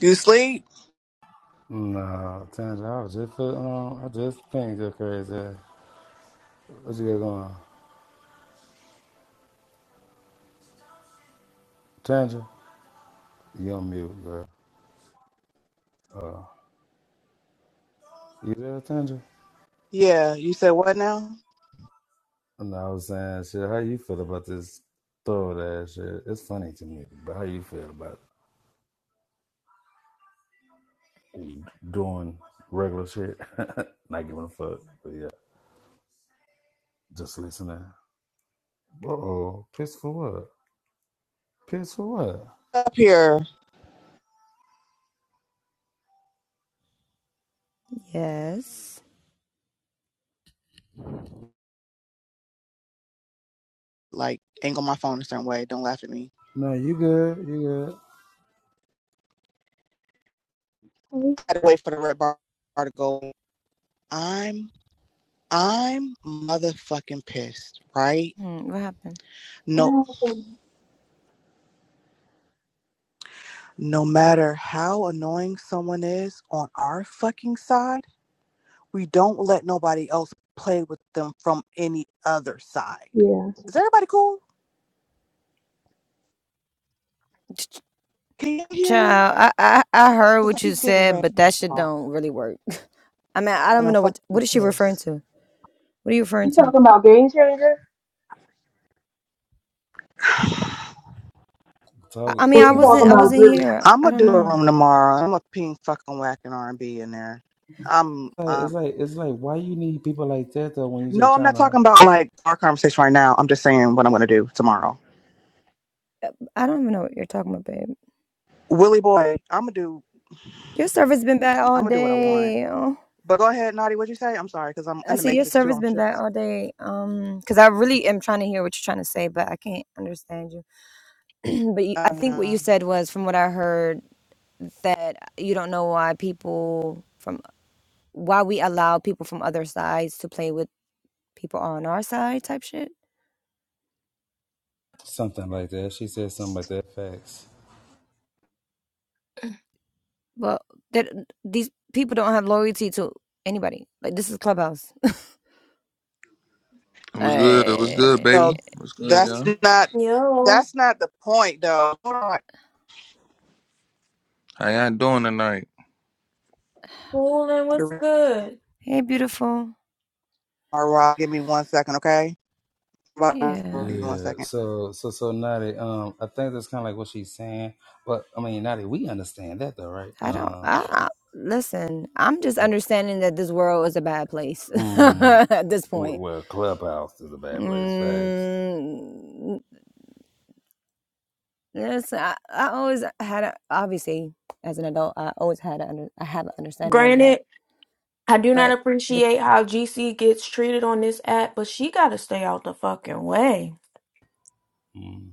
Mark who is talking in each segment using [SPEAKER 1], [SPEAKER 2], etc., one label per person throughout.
[SPEAKER 1] You sleep?
[SPEAKER 2] No, Tanja, I was just, uh, um, I just think you're crazy What you got going on? Tanja, you on mute, girl. Uh, you there, Tanja?
[SPEAKER 1] Yeah. You said what now?
[SPEAKER 2] No, I was saying, shit, how you feel about this throw ass shit? It's funny to me, but how you feel about doing regular shit? Not giving a fuck, but yeah, just listening. Uh-oh, piss for what? Piss for what?
[SPEAKER 1] Up here,
[SPEAKER 3] Yes.
[SPEAKER 1] like angle my phone a certain way. Don't laugh at me.
[SPEAKER 2] No, you good, you good.
[SPEAKER 4] What
[SPEAKER 1] I had to wait for the red bar bar to go. I'm I'm motherfucking pissed, right?
[SPEAKER 3] Hmm, what happened?
[SPEAKER 1] No
[SPEAKER 4] happened?
[SPEAKER 1] no matter how annoying someone is on our fucking side, we don't let nobody else play with them from any other side.
[SPEAKER 4] Yeah.
[SPEAKER 1] Is everybody cool?
[SPEAKER 3] Ch-
[SPEAKER 1] Can you hear me?
[SPEAKER 3] Child, I, I I heard
[SPEAKER 1] Because I
[SPEAKER 3] what you
[SPEAKER 1] keep getting a
[SPEAKER 3] said,
[SPEAKER 1] red
[SPEAKER 3] but that shit
[SPEAKER 1] bar
[SPEAKER 3] don't really work. I mean, I don't
[SPEAKER 1] and
[SPEAKER 3] even
[SPEAKER 1] I'm
[SPEAKER 3] know what
[SPEAKER 1] fucking
[SPEAKER 3] what is she
[SPEAKER 1] pissed.
[SPEAKER 3] referring to. What are you referring
[SPEAKER 4] You
[SPEAKER 3] to?
[SPEAKER 4] talking about Game Changer?
[SPEAKER 3] I, I
[SPEAKER 2] Talk,
[SPEAKER 3] mean,
[SPEAKER 4] Or
[SPEAKER 3] I
[SPEAKER 4] you talking
[SPEAKER 3] wasn't I
[SPEAKER 2] Tanja.
[SPEAKER 4] about
[SPEAKER 3] wasn't
[SPEAKER 4] Drew?
[SPEAKER 3] here.
[SPEAKER 1] I'm
[SPEAKER 3] I
[SPEAKER 1] gonna
[SPEAKER 3] don't
[SPEAKER 1] do a
[SPEAKER 3] know.
[SPEAKER 1] room tomorrow. I'm gonna ping fucking whack and R and B in there. I'm
[SPEAKER 2] like-
[SPEAKER 1] um
[SPEAKER 2] it's like it's like why you need people like that though when you just
[SPEAKER 1] no, I'm
[SPEAKER 2] trying
[SPEAKER 1] not
[SPEAKER 2] to
[SPEAKER 1] talking about like our conversation right now. I'm just saying what I'm gonna do tomorrow.
[SPEAKER 3] I don't even know what you're talking about, babe.
[SPEAKER 1] Willie boy, I'm gonna do.
[SPEAKER 3] Your service been bad
[SPEAKER 1] I'm
[SPEAKER 3] all
[SPEAKER 1] gonna do what I want.
[SPEAKER 3] day. Oh,
[SPEAKER 1] But go ahead, Naughty. What'd you say? I'm sorry because I'm
[SPEAKER 3] I
[SPEAKER 1] in the
[SPEAKER 3] see your
[SPEAKER 1] Matrix too.
[SPEAKER 3] service
[SPEAKER 1] I'm
[SPEAKER 3] been bad
[SPEAKER 1] tricks.
[SPEAKER 3] all day. Um, cause I really am trying to hear what you're trying to say, but I can't understand you. but you, I
[SPEAKER 1] I
[SPEAKER 3] think what you
[SPEAKER 1] know.
[SPEAKER 3] said was, from what I heard, that you don't know why people from why we allow people from other sides to play with people on our side type shit.
[SPEAKER 2] something like that. She said something like that. Facts.
[SPEAKER 3] Well, that these people don't have loyalty to anybody. Like this is Clubhouse.
[SPEAKER 5] What's good? What's good, baby?
[SPEAKER 1] No,
[SPEAKER 3] hey,
[SPEAKER 5] What's good,
[SPEAKER 1] that's
[SPEAKER 5] y'all?
[SPEAKER 1] not.
[SPEAKER 4] Yo,
[SPEAKER 1] That's not the point though. Hold
[SPEAKER 5] How y'all doing tonight?
[SPEAKER 4] cool and what's
[SPEAKER 1] on.
[SPEAKER 4] good?
[SPEAKER 3] hey, beautiful.
[SPEAKER 1] All right, give me one second, okay?
[SPEAKER 3] Yeah,
[SPEAKER 1] One
[SPEAKER 2] Yeah.
[SPEAKER 1] second.
[SPEAKER 2] So so so Nadi, um, I think that's kind of like what she's saying. But I mean, Nadi, we understand that though, right?
[SPEAKER 3] I don't.
[SPEAKER 2] Um,
[SPEAKER 3] I, I listen. I'm just
[SPEAKER 2] uh,
[SPEAKER 3] understanding that this world is a bad place
[SPEAKER 2] mm,
[SPEAKER 3] at this
[SPEAKER 2] well,
[SPEAKER 3] point.
[SPEAKER 2] well, clubhouse is a bad place. Facts.
[SPEAKER 3] Mm, listen, I, I always had a, obviously as an adult. I always had a under, I have an understanding of that,
[SPEAKER 4] Granted, I do not
[SPEAKER 3] but the.
[SPEAKER 4] appreciate how GC gets treated on this app, but she gotta stay out the fucking way.
[SPEAKER 2] Mm.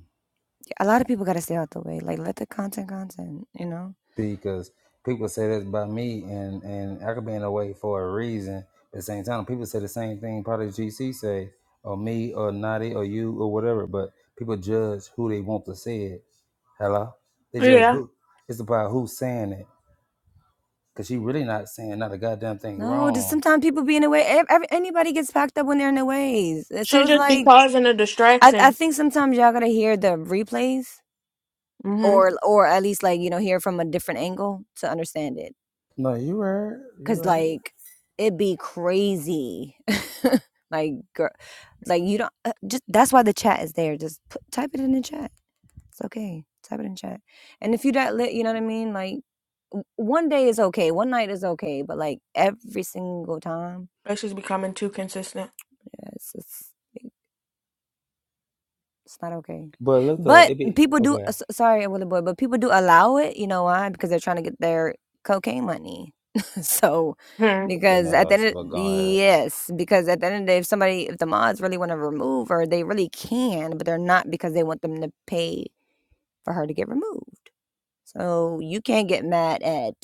[SPEAKER 3] A lot of people gotta stay out the way. Like let the content content, you know?
[SPEAKER 2] because people say this about me, and and I could be in the way for a reason. At the same time, people say the same thing. Probably GC say or me or Naughty or you or whatever. But people judge who they want to say it. Hello, they judge
[SPEAKER 4] Yeah,
[SPEAKER 2] who. It's about who's saying it. Cause she really not saying not a goddamn thing
[SPEAKER 3] No, just
[SPEAKER 2] wrong.
[SPEAKER 3] sometimes people be in the way. Ev- Every, anybody gets packed up when they're in their ways.
[SPEAKER 4] she
[SPEAKER 3] So it's
[SPEAKER 4] just be
[SPEAKER 3] like
[SPEAKER 4] causing a
[SPEAKER 3] I, I
[SPEAKER 4] distraction.
[SPEAKER 3] think sometimes y'all gotta hear the replays
[SPEAKER 4] Mm-hmm.
[SPEAKER 3] or or at least like you know hear from a different angle to understand it.
[SPEAKER 2] No, you right, you
[SPEAKER 3] Cause
[SPEAKER 2] right.
[SPEAKER 3] like it'd be crazy. like girl, like you don't uh, just that's why the chat is there. Just put, type it in the chat. It's okay. Type it in chat. And if you that lit, you know what I mean? Like w- one day is okay, one night is okay, but like every single time,
[SPEAKER 4] Like she's becoming too consistent.
[SPEAKER 3] yes, It's not okay.
[SPEAKER 2] But look though,
[SPEAKER 3] But
[SPEAKER 2] it be
[SPEAKER 3] people do
[SPEAKER 2] okay.
[SPEAKER 3] s- sorry, Willie boy, but people do allow it, you know why? Because they're trying to get their cocaine money. so
[SPEAKER 4] Hmm.
[SPEAKER 3] because
[SPEAKER 2] Something
[SPEAKER 3] at the
[SPEAKER 2] else,
[SPEAKER 3] end of,
[SPEAKER 2] but go ahead.
[SPEAKER 3] yes, because at the end of the day if somebody if the mods really want to remove her, they really can, but they're not because they want them to pay for her to get removed. So you can't get mad at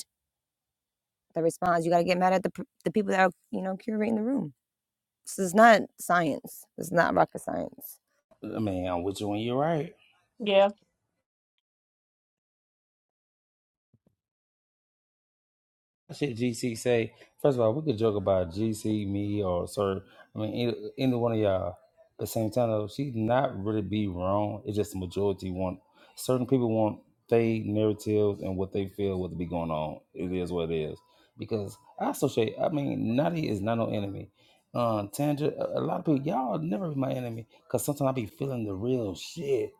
[SPEAKER 3] the response. You got to get mad at the p- the people that are, you know, curating the room. This is not science. This is not rocket science.
[SPEAKER 2] I mean, I'm with you when you're right.
[SPEAKER 4] Yeah.
[SPEAKER 2] That Shit, GC say. First of all, we could joke about GC, me, or Sir. I mean, either, either one of y'all. At the same time, though, she not really be wrong. It's just the majority want certain people want they narratives and what they feel what to be going on. It is what it is. Because I associate. I mean, Natty is not no enemy. Um, Tandra, a a lot of people, y'all never be my enemy. Cause sometimes I be feeling the real shit.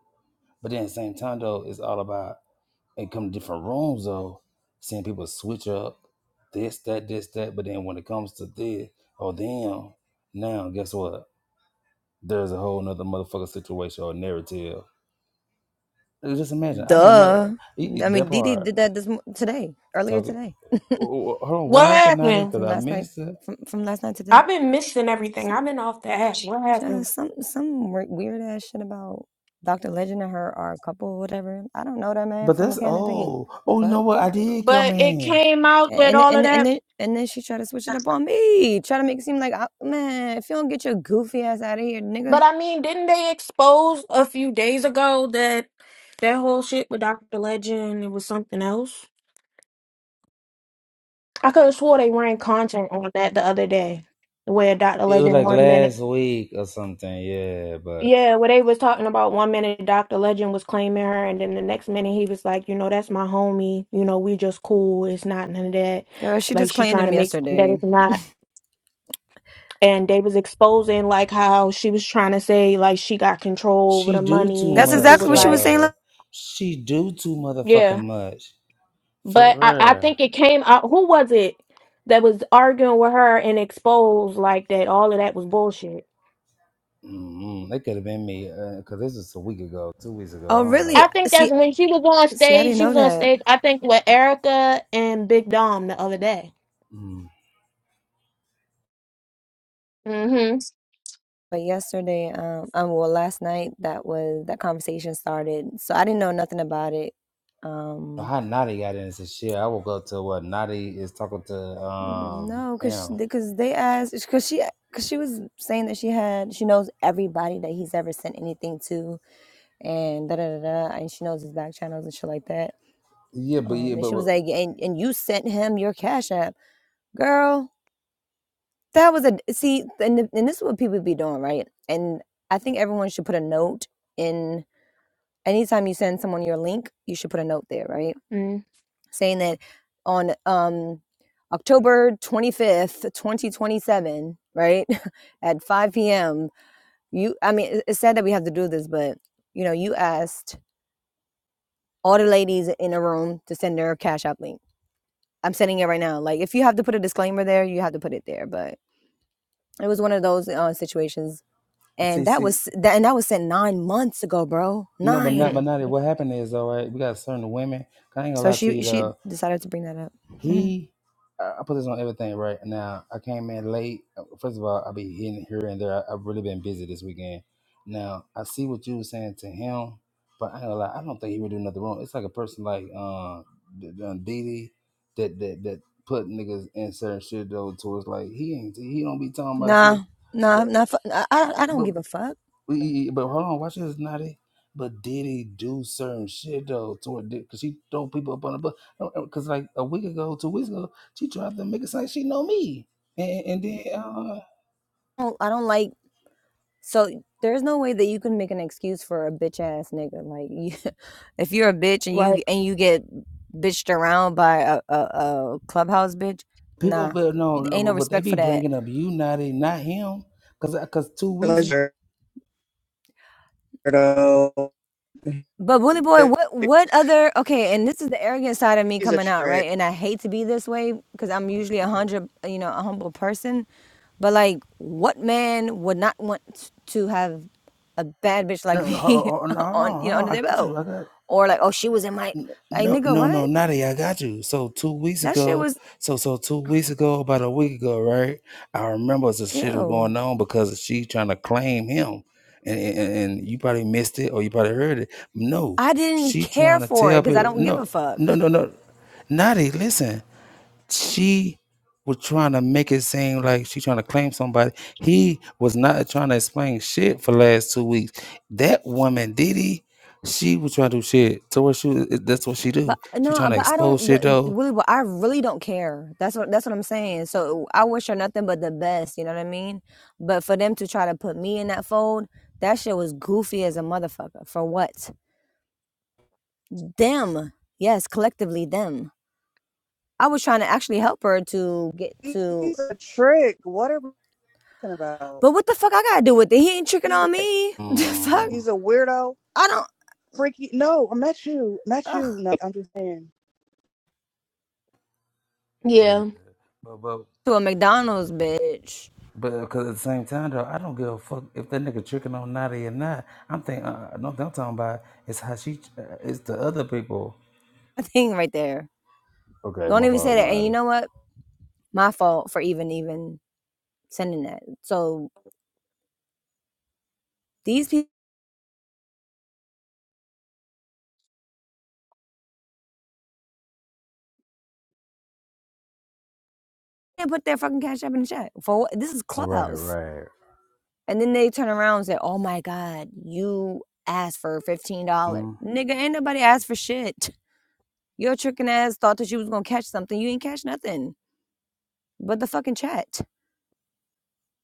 [SPEAKER 2] But then at the same time though, it's all about and come to different rooms though, seeing people switch up this, that, this, that. But then when it comes to this, oh damn, now guess what? There's a whole nother motherfucker situation or narrative. Like, Just imagine, I know
[SPEAKER 3] Duh.
[SPEAKER 2] mother e- e-
[SPEAKER 3] I
[SPEAKER 2] that
[SPEAKER 3] mean, Dee
[SPEAKER 2] part.
[SPEAKER 3] did that this mo- today, earlier
[SPEAKER 2] Talking,
[SPEAKER 3] today,
[SPEAKER 2] oh, oh, hold on, what
[SPEAKER 4] What
[SPEAKER 2] happened Natty?
[SPEAKER 4] happened?
[SPEAKER 2] Because
[SPEAKER 3] from
[SPEAKER 2] I
[SPEAKER 3] last night,
[SPEAKER 2] missed it.
[SPEAKER 3] from from last night to today.
[SPEAKER 4] I've been missing everything.
[SPEAKER 3] Some
[SPEAKER 4] I've been off the app. What happened?
[SPEAKER 3] just some some weird ass shit about Doctor Legend and her are a couple, or whatever. I don't know that man
[SPEAKER 2] But
[SPEAKER 3] from a
[SPEAKER 2] that's
[SPEAKER 3] can of paint.
[SPEAKER 2] oh,
[SPEAKER 3] The
[SPEAKER 2] oh, you know
[SPEAKER 3] fuck.
[SPEAKER 2] what? I did come
[SPEAKER 4] But it
[SPEAKER 2] in.
[SPEAKER 4] came out that
[SPEAKER 3] And
[SPEAKER 4] all of
[SPEAKER 3] and and
[SPEAKER 4] that.
[SPEAKER 3] then and then she tried to switch it up on me, try to make it seem like I, man, if you don't get your goofy ass out of here,
[SPEAKER 4] But
[SPEAKER 3] nigga,
[SPEAKER 4] I mean, didn't they expose a few days ago that that whole shit with Dr. Legend? It was something else. I could have swore they ran content on that the other day, where Dr.
[SPEAKER 2] It was
[SPEAKER 4] Legend
[SPEAKER 2] like
[SPEAKER 4] one minute,
[SPEAKER 2] last week or something, yeah. But
[SPEAKER 4] yeah, where they was talking about one minute Dr. Legend was claiming her, and then the next minute he was like, you know, that's my homie. You know, we just cool. It's not none of that.
[SPEAKER 3] girl, she
[SPEAKER 4] Like
[SPEAKER 3] just
[SPEAKER 4] she
[SPEAKER 3] claimed
[SPEAKER 4] trying to
[SPEAKER 3] him
[SPEAKER 4] make something that
[SPEAKER 3] yesterday.
[SPEAKER 4] it's not. and they was exposing like how she was trying to say like she got control over
[SPEAKER 2] she
[SPEAKER 4] the
[SPEAKER 2] do too
[SPEAKER 4] money and
[SPEAKER 3] That's
[SPEAKER 4] people
[SPEAKER 2] much,
[SPEAKER 3] exactly
[SPEAKER 4] was
[SPEAKER 3] what she was
[SPEAKER 4] like
[SPEAKER 3] saying.
[SPEAKER 2] y'all.
[SPEAKER 3] like,
[SPEAKER 2] She do too motherfucking
[SPEAKER 4] yeah
[SPEAKER 2] much. For
[SPEAKER 4] but i, I
[SPEAKER 2] real.
[SPEAKER 4] think it came out who was it that was arguing with her and exposed like that all of that was bullshit
[SPEAKER 2] Mm-mm. It could have been me because this was a week ago, two weeks ago. I
[SPEAKER 3] oh,
[SPEAKER 2] don't
[SPEAKER 3] really?
[SPEAKER 2] know.
[SPEAKER 4] i think that's
[SPEAKER 3] See,
[SPEAKER 4] when she was on
[SPEAKER 3] see, I
[SPEAKER 4] stage
[SPEAKER 3] didn't
[SPEAKER 4] she
[SPEAKER 3] know
[SPEAKER 4] was on
[SPEAKER 3] that.
[SPEAKER 4] stage i think with erica and big dom the other day
[SPEAKER 2] Mm.
[SPEAKER 4] mm-hmm
[SPEAKER 3] But yesterday, um, um, well, last night that was that conversation started, so I didn't know nothing about it.
[SPEAKER 2] So,
[SPEAKER 3] Um,
[SPEAKER 2] How Naughty got into some shit. I woke up to what Naughty is talking to. Um,
[SPEAKER 3] no, cause
[SPEAKER 2] damn.
[SPEAKER 3] because they asked, cause she cause she was saying that she had she knows everybody that he's ever sent anything to, and da da da da, and she knows his back channels and shit like that.
[SPEAKER 2] Yeah, but
[SPEAKER 3] Um,
[SPEAKER 2] yeah,
[SPEAKER 3] and
[SPEAKER 2] but,
[SPEAKER 3] she was like, and and you sent him your cash app, girl. That was a see, and and this is what people be doing, right? And I think everyone should put a note in anytime you send someone your link, you should put a note there, right? Saying that on um, October 25th, 2027, right? At 5 p.m., you, I mean, it- it's sad that we have to do this, but you know, you asked all the ladies in a room to send their Cash App link. I'm sending it right now. Like, if you have to put a disclaimer there, you have to put it there. But it was one of those uh, situations.
[SPEAKER 2] but
[SPEAKER 3] And
[SPEAKER 2] see,
[SPEAKER 3] that
[SPEAKER 2] see,
[SPEAKER 3] was that, and that was sent nine months ago, bro.
[SPEAKER 2] no, but not,
[SPEAKER 3] Nine.
[SPEAKER 2] but Naughty.
[SPEAKER 4] mm-hmm
[SPEAKER 2] What happened is, all right, we got certain women. I ain't gonna
[SPEAKER 3] So
[SPEAKER 2] lie to
[SPEAKER 3] she
[SPEAKER 2] you
[SPEAKER 3] she
[SPEAKER 2] though.
[SPEAKER 3] decided to bring that up. Mhm.
[SPEAKER 2] He, I I put this on everything right now. I came in late. First of all, I'll be hitting here and there. I, I've really been busy this weekend. Now, I see what you were saying to him, but I ain't gonna lie, I don't think he would do nothing wrong. It's like a person like uh, D- D- Diddy that, that, that put niggas in certain shit though towards like, he ain't, he don't be talking about shit.
[SPEAKER 3] Nah, nah,
[SPEAKER 2] But,
[SPEAKER 3] not. Fu- I, I I don't
[SPEAKER 2] but
[SPEAKER 3] give a fuck.
[SPEAKER 2] we, e, e, but hold on, watch this, Natty. But did he do certain shit though? Toward because she throw people up on the bus. Because like a week ago, two weeks ago, she tried to make it sound like she know me, and, and then uh,
[SPEAKER 3] I don't, I don't like. So there's no way that you can make an excuse for a bitch ass nigga. Like, you, if you're a bitch and
[SPEAKER 4] right
[SPEAKER 3] you and you get bitched around by a, a, a clubhouse bitch,
[SPEAKER 2] people
[SPEAKER 3] nah,
[SPEAKER 2] better know. no,
[SPEAKER 3] ain't
[SPEAKER 2] But
[SPEAKER 3] no
[SPEAKER 2] they
[SPEAKER 3] respect
[SPEAKER 2] be
[SPEAKER 3] for that.
[SPEAKER 2] bringing up you, Natty, not him. Because because two weeks.
[SPEAKER 1] Pleasure though.
[SPEAKER 3] But bully boy, what what other? Okay, and this is the arrogant side of me
[SPEAKER 1] He's a
[SPEAKER 3] coming out,
[SPEAKER 1] trick.
[SPEAKER 3] right? And I hate to be this way because I'm usually a hundred, you know, a humble person But like, what man would not want to have a bad bitch like
[SPEAKER 2] No, hold,
[SPEAKER 3] me
[SPEAKER 2] hold, no, hold
[SPEAKER 3] on
[SPEAKER 2] on,
[SPEAKER 3] you
[SPEAKER 2] hold
[SPEAKER 3] know under
[SPEAKER 2] on. I
[SPEAKER 3] their
[SPEAKER 2] got
[SPEAKER 3] belt?
[SPEAKER 2] you. I got.
[SPEAKER 3] Or like, oh, she was in my
[SPEAKER 2] N-
[SPEAKER 3] like
[SPEAKER 2] No,
[SPEAKER 3] nigga,
[SPEAKER 2] no, no,
[SPEAKER 3] what?
[SPEAKER 2] Nadia, I got you. So two weeks
[SPEAKER 3] That shit
[SPEAKER 2] ago,
[SPEAKER 3] was
[SPEAKER 2] so so two weeks ago, about a week ago, right? I remember the shit was
[SPEAKER 3] ew.
[SPEAKER 2] going on because she trying to claim him, and, and and you probably missed it or you probably heard it. No,
[SPEAKER 3] I didn't
[SPEAKER 2] she
[SPEAKER 3] care
[SPEAKER 2] trying to
[SPEAKER 3] for it
[SPEAKER 2] tell
[SPEAKER 3] because I
[SPEAKER 2] people.
[SPEAKER 3] don't give
[SPEAKER 2] No,
[SPEAKER 3] a fuck.
[SPEAKER 2] no, no, no. Nadia, listen she was trying to make it seem like she trying to claim somebody. He was not trying to explain shit for the last two weeks. That woman, Diddy, she was trying to do shit. So what she was- that's what she do.
[SPEAKER 3] But
[SPEAKER 2] She
[SPEAKER 3] no,
[SPEAKER 2] trying to
[SPEAKER 3] but I
[SPEAKER 2] expose
[SPEAKER 3] don't.
[SPEAKER 2] shit
[SPEAKER 3] But
[SPEAKER 2] though.
[SPEAKER 3] really, but I really don't care. That's what that's what I'm saying. So I wish her nothing but the best. You know what I mean? But for them to try to put me in that fold, that shit was goofy as a motherfucker. For what? Them. Yes, collectively them I was trying to actually help her to get
[SPEAKER 1] He,
[SPEAKER 3] to.
[SPEAKER 1] he's a trick. What are we talking about?
[SPEAKER 3] But what the fuck I gotta do with it? He ain't tricking
[SPEAKER 1] He's a
[SPEAKER 3] on me. The fuck,
[SPEAKER 2] Mm.
[SPEAKER 1] He's a weirdo,
[SPEAKER 3] I don't.
[SPEAKER 1] freaky. No, I'm not you. Not
[SPEAKER 3] Ugh.
[SPEAKER 1] you. No, I'm just saying.
[SPEAKER 4] yeah
[SPEAKER 2] But but
[SPEAKER 3] To a McDonald's, bitch.
[SPEAKER 2] but 'cause at the same time though, I don't give a fuck if that nigga tricking on Natty or not. I'm thinking uh, uh, no, I'm talking about it's how she, uh, it's the other people.
[SPEAKER 3] I think right there.
[SPEAKER 2] Okay,
[SPEAKER 3] Don't
[SPEAKER 2] my
[SPEAKER 3] even say
[SPEAKER 2] fault,
[SPEAKER 3] that. And you
[SPEAKER 2] Natty.
[SPEAKER 3] know what? My fault for even even sending that. So these people didn't put their fucking cash up in the chat for what? This is Clubhouse.
[SPEAKER 2] Right,
[SPEAKER 3] And then they turn around and say, "Oh my god, you asked for fifteen dollars,
[SPEAKER 2] right.
[SPEAKER 3] nigga. Ain't nobody asked for shit. Your tricking ass thought that you was gonna catch something. You ain't catch nothing but the fucking chat."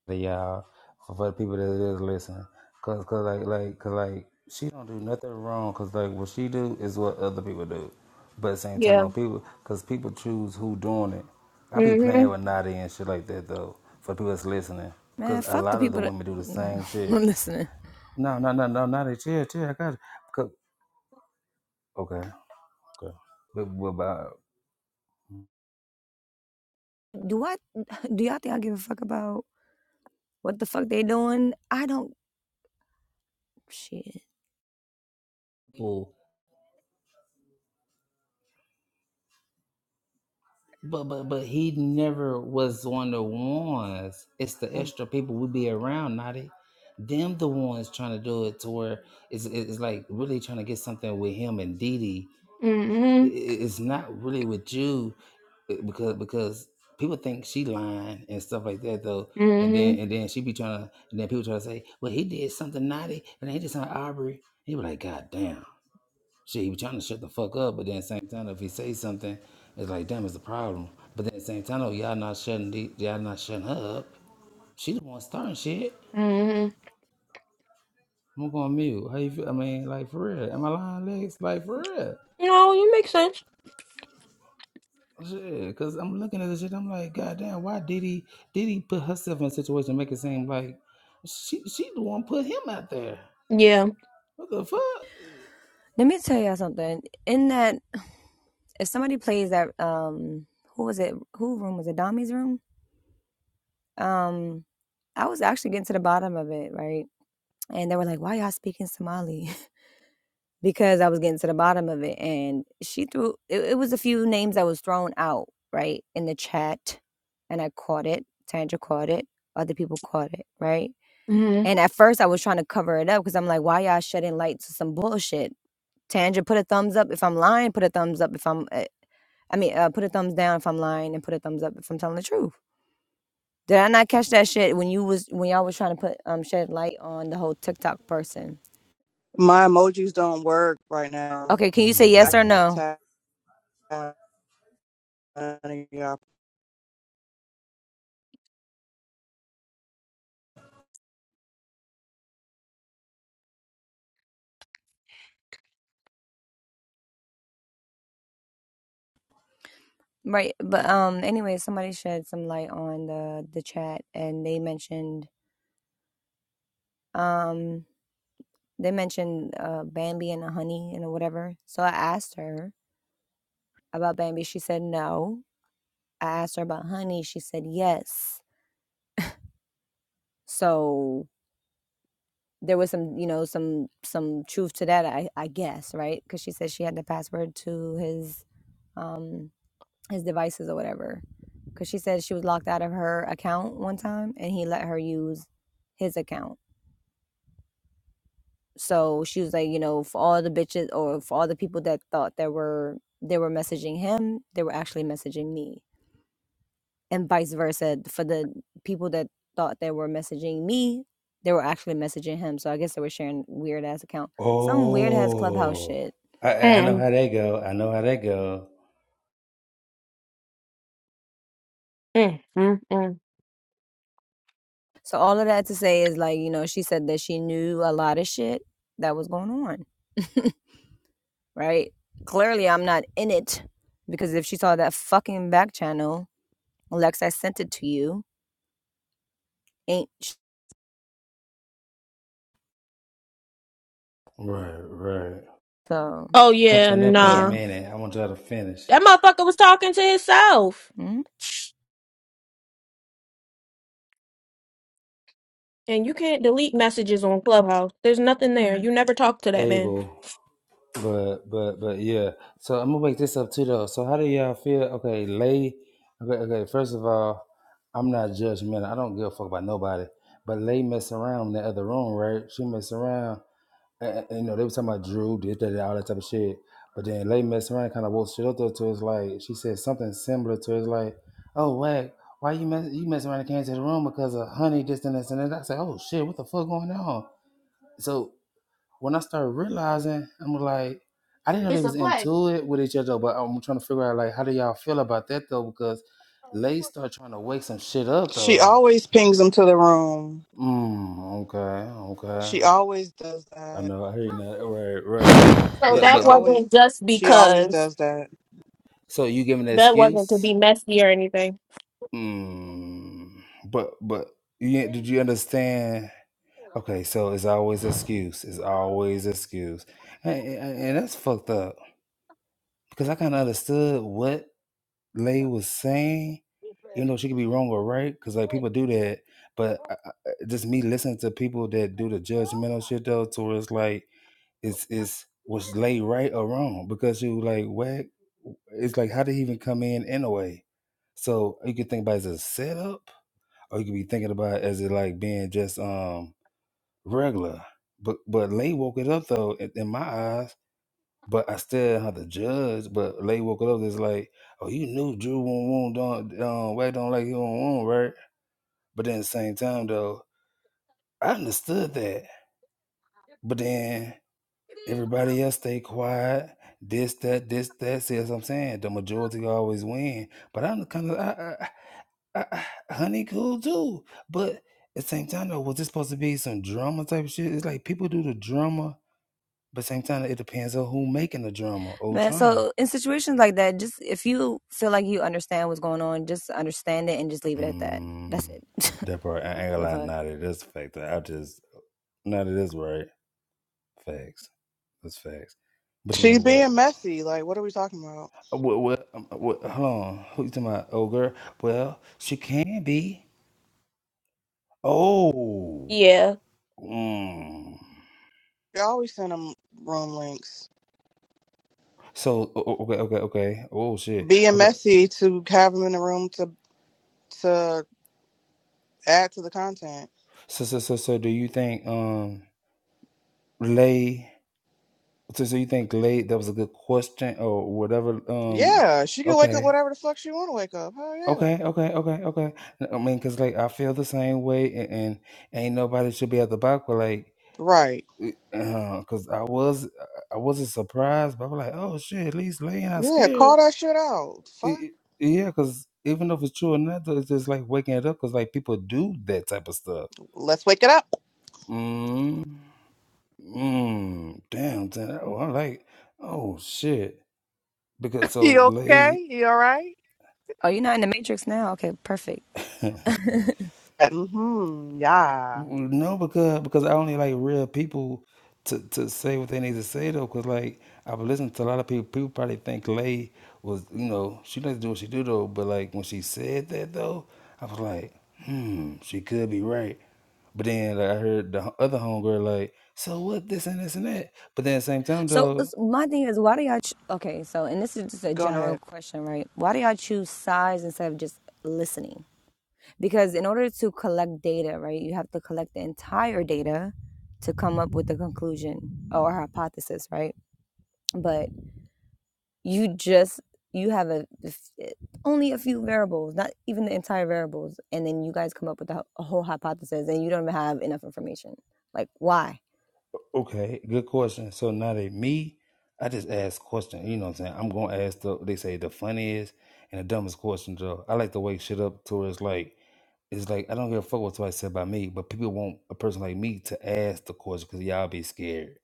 [SPEAKER 2] the uh for, for the people that is listening, cause cause like like cause like she don't do nothing wrong, cause like what she do is what other people do, but at the same time,
[SPEAKER 4] yeah
[SPEAKER 2] no people, cause people choose who doing it. I be
[SPEAKER 4] mm-hmm
[SPEAKER 2] playing with Naughty and shit like that though for people that's listening, because
[SPEAKER 3] Man,
[SPEAKER 2] a
[SPEAKER 3] fuck the
[SPEAKER 2] lot of the
[SPEAKER 3] people that.
[SPEAKER 2] women do the
[SPEAKER 3] Nah,
[SPEAKER 2] same shit.
[SPEAKER 3] I'm listening.
[SPEAKER 2] No no no no Naughty, chill chill, I got you. 'Cause- Okay okay, but, but,
[SPEAKER 3] Do I? Do y'all think I give a fuck about what the fuck they doing? I don't. Shit.
[SPEAKER 2] but But but but he never was one of the ones. It's the extra people we be around, not it. Them the ones trying to do it to where it's it's like really trying to get something with him and Didi. I-
[SPEAKER 4] mm-hmm
[SPEAKER 2] i- It's not really with you i- because because people think she lying and stuff like that though. And then
[SPEAKER 4] mm-hmm
[SPEAKER 2] and then she be trying to and then people try to say, well he did something naughty and he did something Aubrey. He be like, God damn. Shit, he was trying to shut the fuck up, but then at the same time, if he say something, it's like, damn, it's a problem. But then at the same time, oh, y'all not shutting the, y'all not shutting her up. She the one starting shit.
[SPEAKER 4] mm-hmm
[SPEAKER 2] I'm going to mute. How you feel? I mean, like for real. Am I lying, Lex? Like for real.
[SPEAKER 4] no you make sense
[SPEAKER 2] Shit, cause I'm looking at this shit. I'm like, God damn, why did he did he put herself in a situation to make it seem like she she the one put him out there?
[SPEAKER 4] yeah
[SPEAKER 2] What the fuck?
[SPEAKER 3] Let me tell y'all something. In that, if somebody plays that, um, who was it? Who room was it? Dami's room. Um, I was actually getting to the bottom of it, right? And they were like, "Why y'all speaking Somali?" because I was getting to the bottom of it. And she threw it, it was a few names that was thrown out, right, in the chat. And I caught it. Tandra caught it. Other people caught it, right?
[SPEAKER 4] Mm-hmm.
[SPEAKER 3] And at first I was trying to cover it up because I'm like, why y'all shedding light to some bullshit? Tandra, put a thumbs up if I'm lying, put a thumbs up if I'm, uh, I mean, uh, put a thumbs down if I'm lying and put a thumbs up if I'm telling the truth. Did I not catch that shit when you was, when y'all was trying to put, um, shed light on the whole TikTok person?
[SPEAKER 1] My emojis don't work right now.
[SPEAKER 3] Okay, can
[SPEAKER 2] Oh
[SPEAKER 3] you say
[SPEAKER 2] my
[SPEAKER 1] I
[SPEAKER 3] yes or
[SPEAKER 2] god.
[SPEAKER 1] can't
[SPEAKER 3] no?
[SPEAKER 1] tap. on any of y'all.
[SPEAKER 3] Right, but um anyway, somebody shed some light on the the chat and they mentioned um they mentioned uh Bambi and the honey and whatever. So I asked her about Bambi, she said no. I asked her about honey, she said yes. So there was some, you know, some some truth to that, I I guess, right? Cuz she said she had the password to his um his devices or whatever. Cuz she said she was locked out of her account one time and he let her use his account So she was like, you know, for all the bitches or for all the people that thought that were they were messaging him, they were actually messaging me. And vice versa. For the people that thought they were messaging me, they were actually messaging him. So I guess they were sharing weird ass account. Some weird ass clubhouse
[SPEAKER 2] Oh,
[SPEAKER 3] shit.
[SPEAKER 2] I I I know
[SPEAKER 4] Mm,
[SPEAKER 2] how they go. I know how they go.
[SPEAKER 4] mm, mm, mm.
[SPEAKER 3] So all of that to say is like, you know, she said that she knew a lot of shit that was going on. Right? Clearly I'm not in it because if she saw that fucking back channel, Lex, I sent it to you. Ain't sh-
[SPEAKER 2] Right, right.
[SPEAKER 3] so
[SPEAKER 4] Oh yeah,
[SPEAKER 2] something up in a
[SPEAKER 3] Yeah.
[SPEAKER 4] nah.
[SPEAKER 2] minute. I want y'all to finish.
[SPEAKER 4] That motherfucker was talking to himself.
[SPEAKER 3] hmm
[SPEAKER 4] And you can't delete messages on Clubhouse. There's nothing there. You never talk to that man.
[SPEAKER 2] Able, but but but yeah. So I'm gonna wake this up too though. So how do y'all feel? Okay, lay. Okay, okay. First of all, I'm not judgmental. I don't give a fuck about nobody. But lay mess around in the other room, right? She mess around. And, and, you know they was talking about Drew did that, that, all that type of shit. But then lay mess around, kind of woke shit up though. To it's like she said something similar to it's like, oh whack. Why you mess you mess around and came to the room because of honey, this and this and that. I said, oh shit, what the fuck going on? so when I started realizing, I'm like, I didn't know they
[SPEAKER 4] It's a
[SPEAKER 2] was
[SPEAKER 4] play.
[SPEAKER 2] into it with each other, but I'm trying to figure out like how do y'all feel about that though? Because Lay start trying to wake some shit up
[SPEAKER 1] She
[SPEAKER 2] though.
[SPEAKER 1] always pings him to the room.
[SPEAKER 2] Mm, okay, okay.
[SPEAKER 1] She always does
[SPEAKER 2] I
[SPEAKER 1] that.
[SPEAKER 2] know, I hear you now. Right, right.
[SPEAKER 4] So
[SPEAKER 1] Yeah,
[SPEAKER 2] But
[SPEAKER 1] she
[SPEAKER 4] that
[SPEAKER 2] but but
[SPEAKER 1] always,
[SPEAKER 4] wasn't just
[SPEAKER 1] she always
[SPEAKER 4] because
[SPEAKER 1] does that.
[SPEAKER 2] so you giving an
[SPEAKER 4] That wasn't
[SPEAKER 2] excuse?
[SPEAKER 4] to be messy or anything.
[SPEAKER 2] Mm, but but you ain't- did you understand? Okay, so it's always excuse. It's always excuse, and, and and that's fucked up because I kind of understood what Lay was saying, you know, she could be wrong or right, because like people do that. But I- I- just me listening to people that do the judgmental shit though, towards like it's it's was Lay right or wrong? Because you like what? It's like how did he even come in anyway? So you could think about it as a setup, or you could be thinking about it as it like being just um regular. But but Lay woke it up though in in my eyes but I still had to judge. But Lay woke up it's like, oh, you knew Drew won't want don't um, Wade don't like you don't want right. But then at the same time though, I understood that. But then everybody else stay quiet. This that this that. See what I'm saying? The majority always win. But I'm kind of I, I, I, I, honey cool too. But at the same time though, was this supposed to be some drama type of shit? It's like people do the drama, but at the same time it depends on who making the drama or
[SPEAKER 3] Man,
[SPEAKER 2] trying.
[SPEAKER 3] so in situations like that, just if you feel like you understand what's going on, just understand it and just leave it at that. That's
[SPEAKER 2] Mm,
[SPEAKER 3] it.
[SPEAKER 2] that part, I ain't gonna
[SPEAKER 3] The
[SPEAKER 2] lie,
[SPEAKER 3] fuck.
[SPEAKER 2] not it is a fact. I just, not it is right. Facts. That's facts. But you
[SPEAKER 1] She's
[SPEAKER 2] know what?
[SPEAKER 1] being messy. Like, what are we talking about?
[SPEAKER 2] uh, What, what, um, what, hold on. Who you talking about? Oh, girl. Well, she can be. Oh.
[SPEAKER 4] Yeah.
[SPEAKER 2] Mm.
[SPEAKER 1] She always send him room links.
[SPEAKER 2] So, o- o- okay, okay, okay. Oh, shit.
[SPEAKER 1] Being
[SPEAKER 2] Okay.
[SPEAKER 1] messy to have him in the room to to add to the content.
[SPEAKER 2] So, so, so, so do you think, um, Lay, so, so you think Lay, that was a good question or whatever? Um,
[SPEAKER 1] Yeah, she can wake up
[SPEAKER 2] okay.
[SPEAKER 1] whatever the fuck she want to wake up. Hell yeah.
[SPEAKER 2] Okay, okay, okay, okay. I mean, cause like I feel the same way, and, and ain't nobody should be at the back, but like,
[SPEAKER 1] Right.
[SPEAKER 2] it- uh, cause I was, I wasn't surprised, but I was like, oh shit, at least Lane not
[SPEAKER 1] Yeah,
[SPEAKER 2] scared.
[SPEAKER 1] call that shit out. Fuck.
[SPEAKER 2] It- it- yeah, cause even if it's true or not, though, it's just like waking it up, cause like people do that type of stuff.
[SPEAKER 1] Let's wake it up.
[SPEAKER 2] Mm, mm. Damn, damn. Oh, I like. Oh shit, because
[SPEAKER 1] You
[SPEAKER 2] so late.
[SPEAKER 1] okay? You all right?
[SPEAKER 3] Oh, you're not in the matrix now? Okay, perfect.
[SPEAKER 1] Mm-hmm. Yeah.
[SPEAKER 2] No, because because I only like real people to to say what they need to say though. Because like I've listened to a lot of people. People probably think Lay was you know she doesn't do what she do though. But like when she said that though, I was like, hmm, she could be right. But then like, I heard the h- other homegirl like, so what this and this and that. But then at the same time
[SPEAKER 3] So
[SPEAKER 2] though,
[SPEAKER 3] it's- my thing is, why do y'all? Ch- okay, so and this is just a
[SPEAKER 1] Go
[SPEAKER 3] general
[SPEAKER 1] ahead.
[SPEAKER 3] question, right? Why do y'all choose sides instead of just listening? Because in order to collect data, right, you have to collect the entire data to come up with a conclusion or hypothesis, right? But you just you have a only a few variables not even the entire variables and then you guys come up with a, a whole hypothesis and you don't even have enough information like why
[SPEAKER 2] okay, good question. So now they me, I just ask questions. You know what I'm saying? I'm gonna ask the they say the funniest and the dumbest question though. I like to wake shit up to where it's like. it's like I don't give a fuck what somebody said about me, but people want a person like me to ask the question because y'all be scared.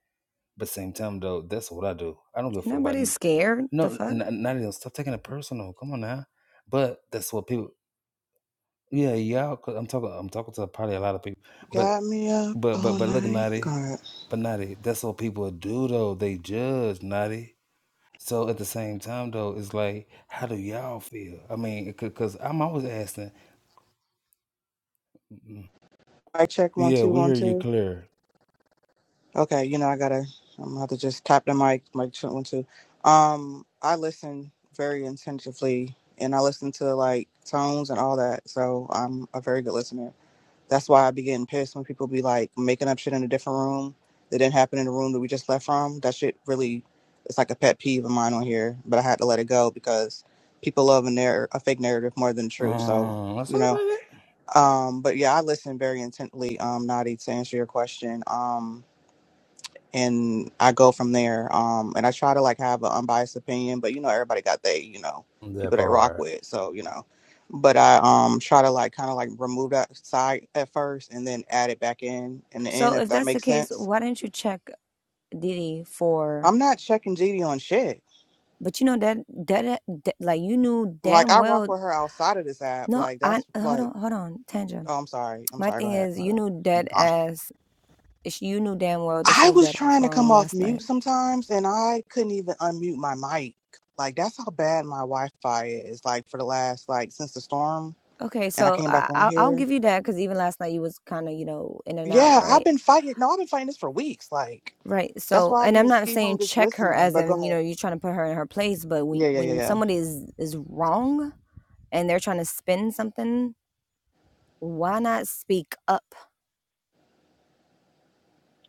[SPEAKER 2] But same time though, that's what I do. I don't give a fuck about
[SPEAKER 3] nobody's
[SPEAKER 2] n-
[SPEAKER 3] scared the
[SPEAKER 2] no,
[SPEAKER 3] fuck
[SPEAKER 2] n- not even stop taking it personal. Come on now. But that's what people. Yeah, y'all. Cause I'm talking. I'm talking to probably a lot of people. But
[SPEAKER 1] Got me up
[SPEAKER 2] but but
[SPEAKER 1] all
[SPEAKER 2] but look,
[SPEAKER 1] night. Go
[SPEAKER 2] naughty,
[SPEAKER 1] ahead.
[SPEAKER 2] But naughty. that's what people do though. They judge naughty. So at the same time though, it's like, how do y'all feel? I mean, because I'm always asking.
[SPEAKER 1] I check one
[SPEAKER 2] Yeah,
[SPEAKER 1] two
[SPEAKER 2] we
[SPEAKER 1] one
[SPEAKER 2] hear you
[SPEAKER 1] two.
[SPEAKER 2] clear.
[SPEAKER 1] Okay, you know I gotta. I'm gonna have to just tap the mic. Mic check one two. Um, I listen very intensively, and I listen to like tones and all that. So I'm a very good listener. That's why I be getting pissed when people be like making up shit in a different room that didn't happen in the room that we just left from. That shit really, it's like a pet peeve of mine on here, but I had to let it go because people love a, narr- a fake narrative more than the truth. So,
[SPEAKER 2] Mm, let's
[SPEAKER 1] you
[SPEAKER 2] talk
[SPEAKER 1] know,
[SPEAKER 2] about it.
[SPEAKER 1] um, but yeah, I listen very intently, um, Nadi, to answer your question. Um, and I go from there. Um, and I try to like have an unbiased opinion, but you know, everybody got they, you know,
[SPEAKER 2] That
[SPEAKER 1] people they rock
[SPEAKER 2] part.
[SPEAKER 1] with, so you know. But I um try to like kind of like remove that side at first, and then add it back in in the end,
[SPEAKER 3] so
[SPEAKER 1] if
[SPEAKER 3] if
[SPEAKER 1] that
[SPEAKER 3] that's the
[SPEAKER 1] makes
[SPEAKER 3] case
[SPEAKER 1] sense.
[SPEAKER 3] why didn't you check diddy for
[SPEAKER 1] I'm not checking GD on shit.
[SPEAKER 3] but you know that that, eh, that like you knew
[SPEAKER 1] Like
[SPEAKER 3] damn
[SPEAKER 1] I rock
[SPEAKER 3] well
[SPEAKER 1] with her outside of this app.
[SPEAKER 3] no
[SPEAKER 1] Like
[SPEAKER 3] i
[SPEAKER 1] that's
[SPEAKER 3] hold on
[SPEAKER 1] like,
[SPEAKER 3] hold on tandra
[SPEAKER 1] oh, I'm sorry, I'm
[SPEAKER 3] my
[SPEAKER 1] sorry. Go
[SPEAKER 3] thing
[SPEAKER 1] ahead.
[SPEAKER 3] is
[SPEAKER 1] My
[SPEAKER 3] you knew dead
[SPEAKER 1] bad.
[SPEAKER 3] ass you knew damn well that she
[SPEAKER 1] I
[SPEAKER 3] was
[SPEAKER 1] was
[SPEAKER 3] dead ass
[SPEAKER 1] trying to come
[SPEAKER 3] wrong
[SPEAKER 1] off
[SPEAKER 3] last night
[SPEAKER 1] mute sometimes and I couldn't even unmute my mic. Like that's how bad my Wi-Fi is. Like for the last like since the storm
[SPEAKER 3] Okay,
[SPEAKER 1] and I
[SPEAKER 3] so
[SPEAKER 1] came back
[SPEAKER 3] I,
[SPEAKER 1] on
[SPEAKER 3] I'll I'll
[SPEAKER 1] here.
[SPEAKER 3] give you that because even last night you was kind of you know in and out,
[SPEAKER 1] Yeah, I've
[SPEAKER 3] right?
[SPEAKER 1] been fighting. No, I've been fighting this for weeks. Like
[SPEAKER 3] Right.
[SPEAKER 1] that's
[SPEAKER 3] So,
[SPEAKER 1] why I
[SPEAKER 3] and
[SPEAKER 1] be
[SPEAKER 3] I'm
[SPEAKER 1] in
[SPEAKER 3] not
[SPEAKER 1] ski room
[SPEAKER 3] saying
[SPEAKER 1] just
[SPEAKER 3] check her
[SPEAKER 1] listening.
[SPEAKER 3] as
[SPEAKER 1] But go
[SPEAKER 3] in you
[SPEAKER 1] ahead.
[SPEAKER 3] know you're trying to put her in her place, but we,
[SPEAKER 1] Yeah, yeah, yeah,
[SPEAKER 3] when
[SPEAKER 1] yeah.
[SPEAKER 3] somebody is is wrong and they're trying to spin something, why not speak up?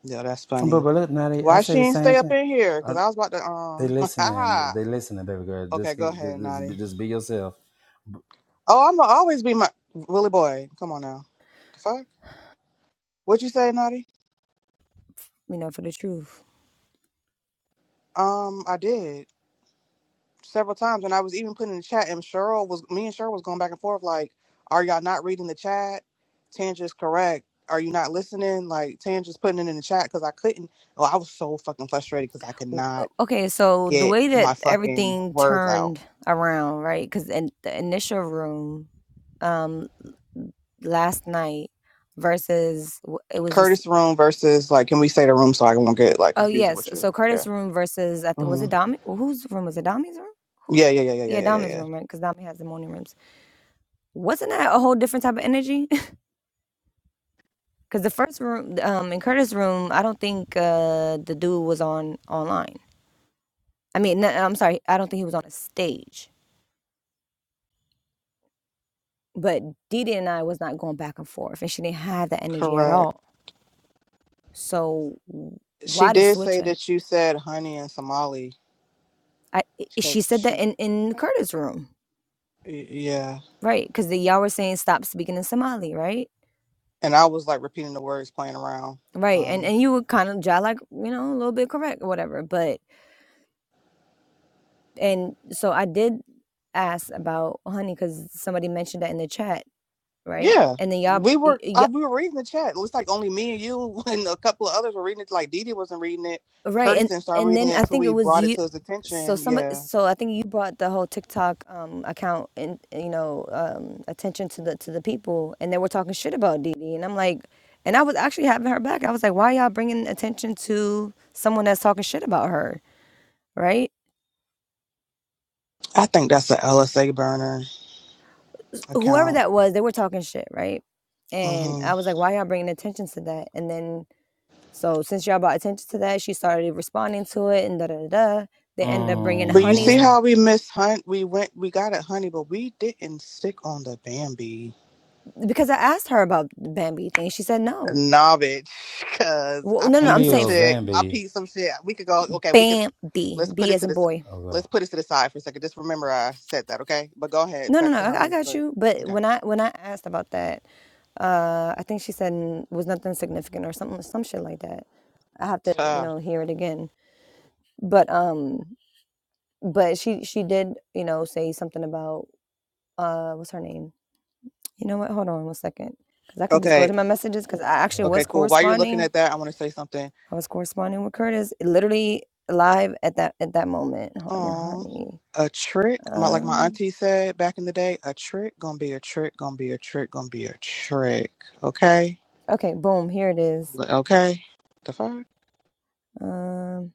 [SPEAKER 1] Yeah, that's
[SPEAKER 2] But
[SPEAKER 1] funny.
[SPEAKER 2] but look, now they, I
[SPEAKER 1] Why
[SPEAKER 2] say
[SPEAKER 1] she
[SPEAKER 2] the
[SPEAKER 1] ain't
[SPEAKER 2] same
[SPEAKER 1] stay up
[SPEAKER 2] thing.
[SPEAKER 1] in here?
[SPEAKER 2] Uh
[SPEAKER 1] Cause I was about to
[SPEAKER 2] they
[SPEAKER 1] um.
[SPEAKER 2] listening.
[SPEAKER 1] Ah.
[SPEAKER 2] They listening, baby girl.
[SPEAKER 1] okay,
[SPEAKER 2] Just
[SPEAKER 1] go
[SPEAKER 2] keep, ju-
[SPEAKER 1] ahead,
[SPEAKER 2] just be-
[SPEAKER 1] Naughty.
[SPEAKER 2] just be yourself.
[SPEAKER 1] Oh, I'm gonna always be my Willie boy. Come on now. The fuck? What'd you say, Naughty?
[SPEAKER 3] You know, for the truth.
[SPEAKER 1] Um, I did. several times, and I was even putting in the chat, and Cheryl was me and Cheryl was going back and forth like, "Are y'all not reading the chat? Tangia's correct. Are you not listening? Like Tangia's putting it in the chat because I couldn't. Oh, I was so fucking frustrated because I could
[SPEAKER 3] W- o-
[SPEAKER 1] not
[SPEAKER 3] Okay, so the
[SPEAKER 1] get
[SPEAKER 3] way that
[SPEAKER 1] my fucking
[SPEAKER 3] everything
[SPEAKER 1] words out.
[SPEAKER 3] turned around, right? Because in the initial room, um, last night versus w- it was
[SPEAKER 1] Curtis room versus like, can we say the room so I won't get like
[SPEAKER 3] Oh,
[SPEAKER 1] confused
[SPEAKER 3] yes.
[SPEAKER 1] with you?
[SPEAKER 3] So
[SPEAKER 1] Yeah.
[SPEAKER 3] Curtis' room versus I th- was
[SPEAKER 1] hmm
[SPEAKER 3] it Dami? Whose room was it? Dami's room? Who's?
[SPEAKER 1] Yeah, yeah, yeah, yeah, yeah,
[SPEAKER 3] Yeah,
[SPEAKER 1] yeah, yeah,
[SPEAKER 3] Dami's
[SPEAKER 1] yeah.
[SPEAKER 3] room, right? Because Dami has the morning rooms. Wasn't that a whole different type of energy? Because the first room, um, in Curtis' room, I don't think uh the dude was on online. I mean, no, I'm sorry, I don't think he was on a stage. But Didi and I was not going back and forth, and she didn't have that energy at
[SPEAKER 1] Correct.
[SPEAKER 3] all. So w-
[SPEAKER 1] She
[SPEAKER 3] why the
[SPEAKER 1] did
[SPEAKER 3] switch
[SPEAKER 1] say
[SPEAKER 3] up?
[SPEAKER 1] that you said honey in Somali.
[SPEAKER 3] I i-
[SPEAKER 1] She,
[SPEAKER 3] she said that
[SPEAKER 1] she
[SPEAKER 3] in in Curtis' room,
[SPEAKER 1] yeah.
[SPEAKER 3] right? Because y'all were saying stop speaking in Somali, right?
[SPEAKER 1] and I was like repeating the words, playing around.
[SPEAKER 3] Right, and
[SPEAKER 1] Um,
[SPEAKER 3] and you were kind of jot like, you know, a little bit correct or whatever, but and so I did ask about honey because somebody mentioned that in the chat, right?
[SPEAKER 1] yeah,
[SPEAKER 3] And then y'all
[SPEAKER 1] we
[SPEAKER 3] y
[SPEAKER 1] were
[SPEAKER 3] y
[SPEAKER 1] I, we were reading the chat. It was like only me and you and a couple of others were reading it. Like Didi wasn't reading it.
[SPEAKER 3] y- right,
[SPEAKER 1] Curtis
[SPEAKER 3] and
[SPEAKER 1] didn't start
[SPEAKER 3] and
[SPEAKER 1] reading
[SPEAKER 3] then
[SPEAKER 1] it
[SPEAKER 3] I
[SPEAKER 1] until
[SPEAKER 3] think it
[SPEAKER 1] we
[SPEAKER 3] was
[SPEAKER 1] brought it
[SPEAKER 3] you
[SPEAKER 1] to his
[SPEAKER 3] so
[SPEAKER 1] attention.
[SPEAKER 3] somebody
[SPEAKER 1] Yeah,
[SPEAKER 3] so I think you brought the whole TikTok um account and you know, um attention to the to the people and they were talking shit about Dee Dee and I'm like and I was actually having her back. I was like, why y'all bringing attention to someone that's talking shit about her, right?
[SPEAKER 1] I think that's an LSA burner
[SPEAKER 3] whoever
[SPEAKER 1] account.
[SPEAKER 3] that was, they were talking shit, right? And
[SPEAKER 1] hmm
[SPEAKER 3] I was like, why y'all bringing attention to that? And then, so since y'all brought attention to that, she started responding to it and da da da. da. They ended up bringing
[SPEAKER 1] But you
[SPEAKER 3] Honey's
[SPEAKER 1] see
[SPEAKER 2] Mm-hmm.
[SPEAKER 1] how we missed Hunt? We went, we got at Honey, but we didn't stick on the Bambi.
[SPEAKER 3] because I asked her about the Bambi thing. She said no.
[SPEAKER 1] Nah, bitch, cause
[SPEAKER 3] Well,
[SPEAKER 1] I
[SPEAKER 3] no, no, no, I'm
[SPEAKER 1] peeped
[SPEAKER 2] Bambi
[SPEAKER 1] some
[SPEAKER 3] saying
[SPEAKER 2] or
[SPEAKER 1] shit. I
[SPEAKER 2] Vambi.
[SPEAKER 1] peeped some shit. We could go. Okay, we could.
[SPEAKER 3] Bambi,
[SPEAKER 1] Let's put
[SPEAKER 3] B
[SPEAKER 1] it
[SPEAKER 3] as
[SPEAKER 1] to
[SPEAKER 3] in
[SPEAKER 1] this.
[SPEAKER 3] boy.
[SPEAKER 2] Okay.
[SPEAKER 1] Let's put it to the side for a second. Just remember, I said that. Okay, but go ahead.
[SPEAKER 3] No, no,
[SPEAKER 1] Back
[SPEAKER 3] no,
[SPEAKER 1] to
[SPEAKER 3] I, I
[SPEAKER 1] honey.
[SPEAKER 3] got
[SPEAKER 1] Look,
[SPEAKER 3] you. But
[SPEAKER 1] Okay.
[SPEAKER 3] when I when I asked about that, uh, I think she said "N- was nothing significant or something, some shit like that. I have to, you
[SPEAKER 1] Tuh.
[SPEAKER 3] know, hear it again. But um, But she she did, you know, say something about, uh, what's her name? You know what? Hold on one second, because I can just go
[SPEAKER 1] Okay.
[SPEAKER 3] to my messages. Because I actually
[SPEAKER 1] Okay.
[SPEAKER 3] was
[SPEAKER 2] Word.
[SPEAKER 1] Cool. While you're looking
[SPEAKER 3] corresponding.
[SPEAKER 1] at that, I want to say something.
[SPEAKER 3] I was corresponding with Curtis, literally live at that at that moment. Honey,
[SPEAKER 1] Oh,
[SPEAKER 3] honey.
[SPEAKER 1] a trick. My like my
[SPEAKER 3] Um.
[SPEAKER 1] auntie said back in the day, a trick gonna be a trick gonna be a trick gonna be a trick. Okay.
[SPEAKER 3] Okay. Boom. Here it is.
[SPEAKER 1] L- Okay. The fuck.
[SPEAKER 3] Um.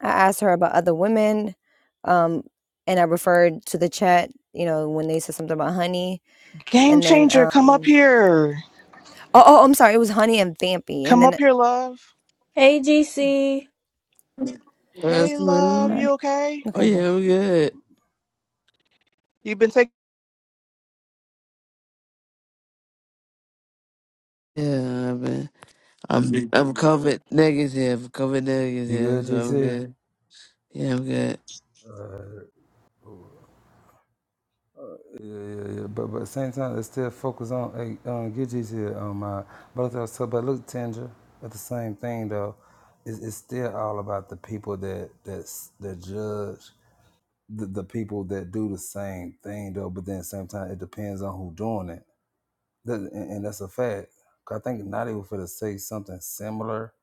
[SPEAKER 3] I asked her about other women. Um. And I referred to the chat. You know, when they said something about honey,
[SPEAKER 1] Game
[SPEAKER 3] and then
[SPEAKER 1] changer. Come up
[SPEAKER 3] um.
[SPEAKER 1] here.
[SPEAKER 3] Oh, oh I'm sorry. It was honey and Vampy, and
[SPEAKER 1] Come up
[SPEAKER 3] then
[SPEAKER 1] here, love.
[SPEAKER 4] Hey GC.
[SPEAKER 1] Hey,
[SPEAKER 6] Yes,
[SPEAKER 1] love,
[SPEAKER 3] all
[SPEAKER 6] ma'am.
[SPEAKER 3] right.
[SPEAKER 1] you okay?
[SPEAKER 6] Oh
[SPEAKER 3] Okay. Bye.
[SPEAKER 6] yeah, I'm good.
[SPEAKER 1] you been taking.
[SPEAKER 6] Yeah, I've been. I'm Mhm. I'm COVID negative. COVID
[SPEAKER 2] You
[SPEAKER 6] negative,
[SPEAKER 2] good,
[SPEAKER 6] so I'm
[SPEAKER 2] GC?
[SPEAKER 6] good. Yeah, I'm good.
[SPEAKER 2] Yeah, yeah, yeah. But but same time, let's still focus on hey, um, get GC on my. But I was talking about look, Tendra. But the same thing though, it's, it's still all about the people that that's that judge the, the people that do the same thing though, but then at the same time it depends on who doing it. That, and, and that's a fact. I think not was for to say something similar.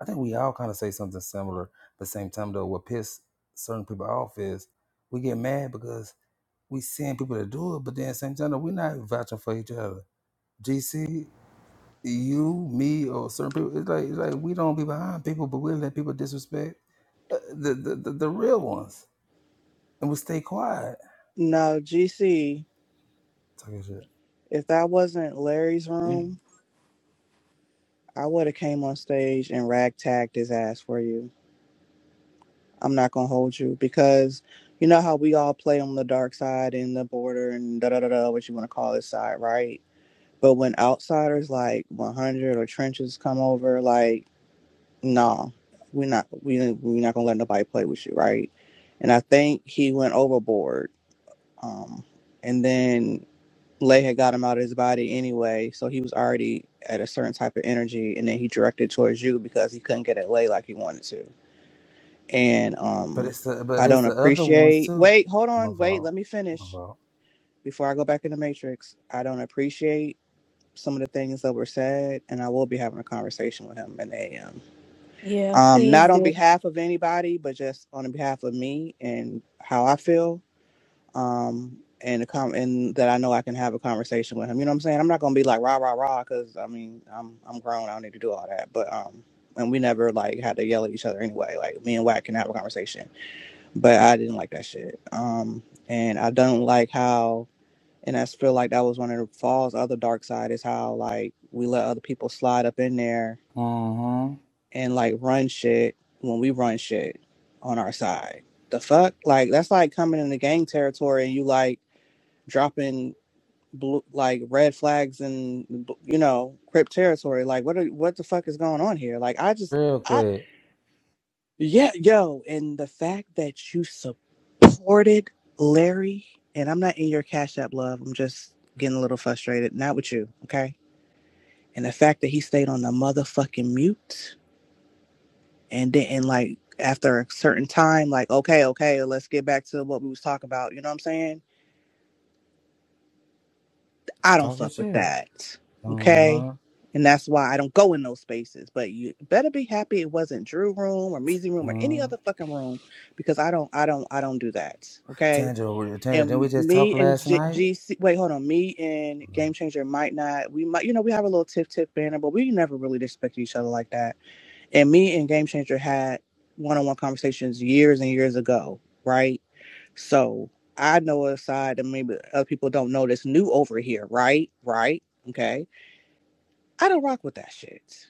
[SPEAKER 2] I think we all kind of say something similar, but same time though, what piss certain people off is we get mad because we seeing people that do it, but then at the same time though, we not vouching for each other. GC, you, me, or certain people. It's like it's like we don't be behind people, but we let people disrespect uh, the the, the, the real ones, and we stay quiet.
[SPEAKER 1] No, GC,
[SPEAKER 2] Talking shit.
[SPEAKER 1] if that wasn't Larry's room, I would have came on stage and ragtagged his ass for you. I'm not gonna hold you because you know how we all play on the dark side and the border and da da da da, what you want to call this side, right? But when outsiders like 100 or trenches come over, like, nah, we're not, we, we're not gonna let nobody play with you, right? And I think he went overboard. Um, and then Lay had got him out of his body anyway, so he was already at a certain type of energy, and then he directed towards you because he couldn't get at Lay like he wanted to. And
[SPEAKER 2] But
[SPEAKER 1] um,
[SPEAKER 2] it's the but
[SPEAKER 1] I
[SPEAKER 2] it's
[SPEAKER 1] don't
[SPEAKER 2] the other ones
[SPEAKER 1] appreciate.
[SPEAKER 2] too.
[SPEAKER 1] Wait, hold
[SPEAKER 2] My
[SPEAKER 1] on. Wait,
[SPEAKER 2] fault.
[SPEAKER 1] let me
[SPEAKER 2] My
[SPEAKER 1] finish
[SPEAKER 2] fault.
[SPEAKER 1] before I go back in the matrix. I don't appreciate some of the things that were said, and I will be having a conversation with him in the AM.
[SPEAKER 4] Yeah,
[SPEAKER 1] Um,
[SPEAKER 4] please
[SPEAKER 1] not on
[SPEAKER 4] do.
[SPEAKER 1] behalf of anybody, but just on behalf of me and how I feel um, and a com- and that I know I can have a conversation with him. You know what I'm saying? I'm not gonna be like rah rah rah because I mean I'm I'm grown. I don't need to do all that. But um, and we never like had to yell at each other anyway. Like me and Wack can have a conversation. But I didn't like that shit. Um, and I don't like how. And I feel like that was one of the fall's other dark side is how like we let other people slide up in there
[SPEAKER 2] Mm-hmm.
[SPEAKER 1] and like run shit when we run shit on our side. The fuck? Like that's like coming in the gang territory and you like dropping blue, like red flags in you know Crip territory. Like what are, what the fuck is going on here? Like I just
[SPEAKER 2] Real
[SPEAKER 1] I
[SPEAKER 2] quick.
[SPEAKER 1] yeah yo, and the fact that you supported Larry, and I'm not in your cash app love. I'm just getting a little frustrated. Not with you, okay? And the fact that he stayed on the motherfucking mute and didn't like after a certain time, like okay, okay, let's get back to what we was talking about. You know what I'm saying? I don't
[SPEAKER 2] Talking
[SPEAKER 1] fuck with
[SPEAKER 2] shit.
[SPEAKER 1] that. Okay.
[SPEAKER 2] Uh-huh.
[SPEAKER 1] And that's why I don't go in those spaces. But you better be happy it wasn't Drew room or Measy room or any
[SPEAKER 2] Mm.
[SPEAKER 1] other fucking room because I don't, I don't, I don't do that. Okay.
[SPEAKER 2] Tandra, we- Tandra, didn't we
[SPEAKER 1] And
[SPEAKER 2] just talk
[SPEAKER 1] me and
[SPEAKER 2] last
[SPEAKER 1] G-
[SPEAKER 2] night?
[SPEAKER 1] GC, wait, hold on. Me and Game Changer might not, we might, you know, we have a little tiff tiff banner, but we never really disrespect each other like that. And me and Game Changer had one on one conversations years and years ago. Right so I know a side that maybe other people don't know that's new over here, right? Right? Okay. I don't rock with that shit.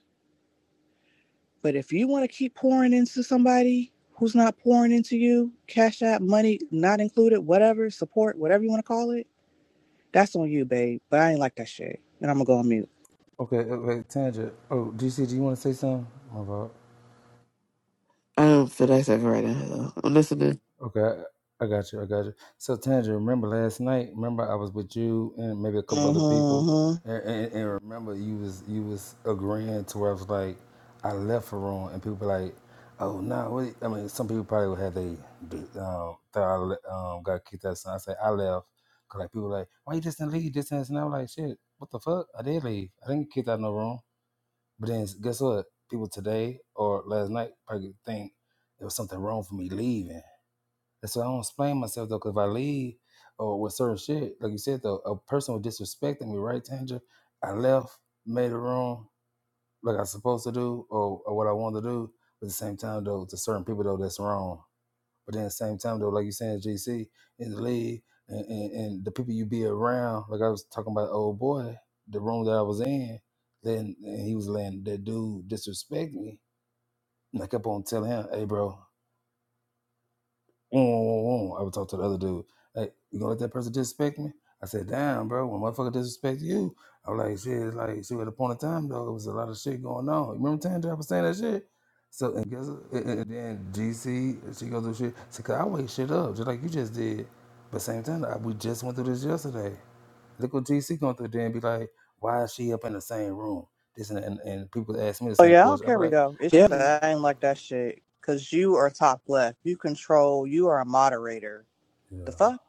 [SPEAKER 1] But if you want to keep pouring into somebody who's not pouring into you, cash app money not included, whatever, support, whatever you want to call it, that's on you, babe. But I ain't like that shit. And I'm going to go on mute.
[SPEAKER 2] Okay, okay, Tandra. Oh, DC, do you want to say something? My fault.
[SPEAKER 6] I don't feel that second right now though. I'm listening.
[SPEAKER 2] Okay, I got you. I got you. So, Tandra, remember last night? Remember I was with you and maybe a couple
[SPEAKER 1] Mm-hmm.
[SPEAKER 2] other people,
[SPEAKER 1] mm-hmm.
[SPEAKER 2] and, and, and remember you was you was agreeing to where I was like, I left for wrong, and people were like, oh no, what? I mean, some people probably would have they they, um, thought I le- um, got kicked out. So I say I left, cause like people were like, why you just didn't leave? This and this, and I was like, shit, what the fuck? I did leave. I didn't get kicked out no wrong. But then guess what? People today or last night probably think there was something wrong for me leaving. That's why I don't explain myself though, because if I leave or with certain shit, like you said though, a person was disrespecting me, right, Tanja? I left, made it wrong, like I was supposed to do, or, or what I wanted to do. But at the same time though, to certain people though, that's wrong. But then at the same time though, like you saying, GC in the league and, and, and the people you be around, like I was talking about, old boy, the room that I was in, then and he was letting that dude disrespect me. And I kept on telling him, "Hey, bro." "Whoa, whoa, whoa." I would talk to the other dude. Hey, you gonna let that person disrespect me? I said, damn, bro, when motherfucker disrespect you, I'm like, shit, it's like, see, at a point in time, though, it was a lot of shit going on. You remember Tandra was saying that shit? So, and guess what? And, and- then GC, she goes through shit. So, cause I wake shit up, just like you just did. But same time, I, we just went through this yesterday. Look what GC going through there and be like, why is she up in the same room? This and, that. and, and people ask me the
[SPEAKER 1] Oh,
[SPEAKER 2] same
[SPEAKER 1] yeah, I don't
[SPEAKER 2] question. I be
[SPEAKER 1] care. We
[SPEAKER 2] like,
[SPEAKER 1] go. It's
[SPEAKER 2] I
[SPEAKER 1] yeah. just
[SPEAKER 2] been,
[SPEAKER 1] I ain't like that shit. Because you are top left. You control. You are a moderator.
[SPEAKER 2] yeah.
[SPEAKER 1] The fuck?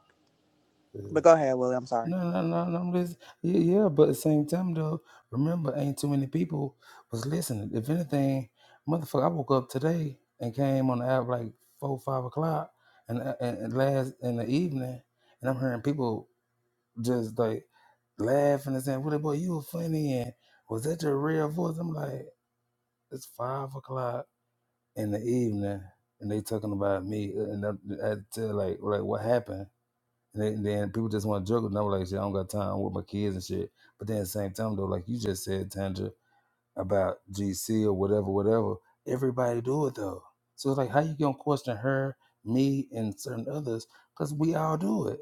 [SPEAKER 2] yeah.
[SPEAKER 1] But go ahead, Willie. I'm sorry.
[SPEAKER 2] No, no, no, no. I'm just, yeah, yeah, but at the same time, though, remember, ain't too many people was listening. If anything, motherfucker, I woke up today and came on the app like four, five o'clock, and, and, and last in the evening, and I'm hearing people just like laughing and saying, "Willie boy, you were funny," and was that your real voice? I'm like, it's five o'clock in the evening, and they talking about me, and I, I had to tell like, like what happened? And then, then people just want to juggle. And I'm like, shit, I don't got time. I'm with my kids and shit. But then at the same time, though, like you just said, Tandra, about GC or whatever, whatever, everybody do it, though. So it's like, how you going to question her, me, and certain others? Because we all do it.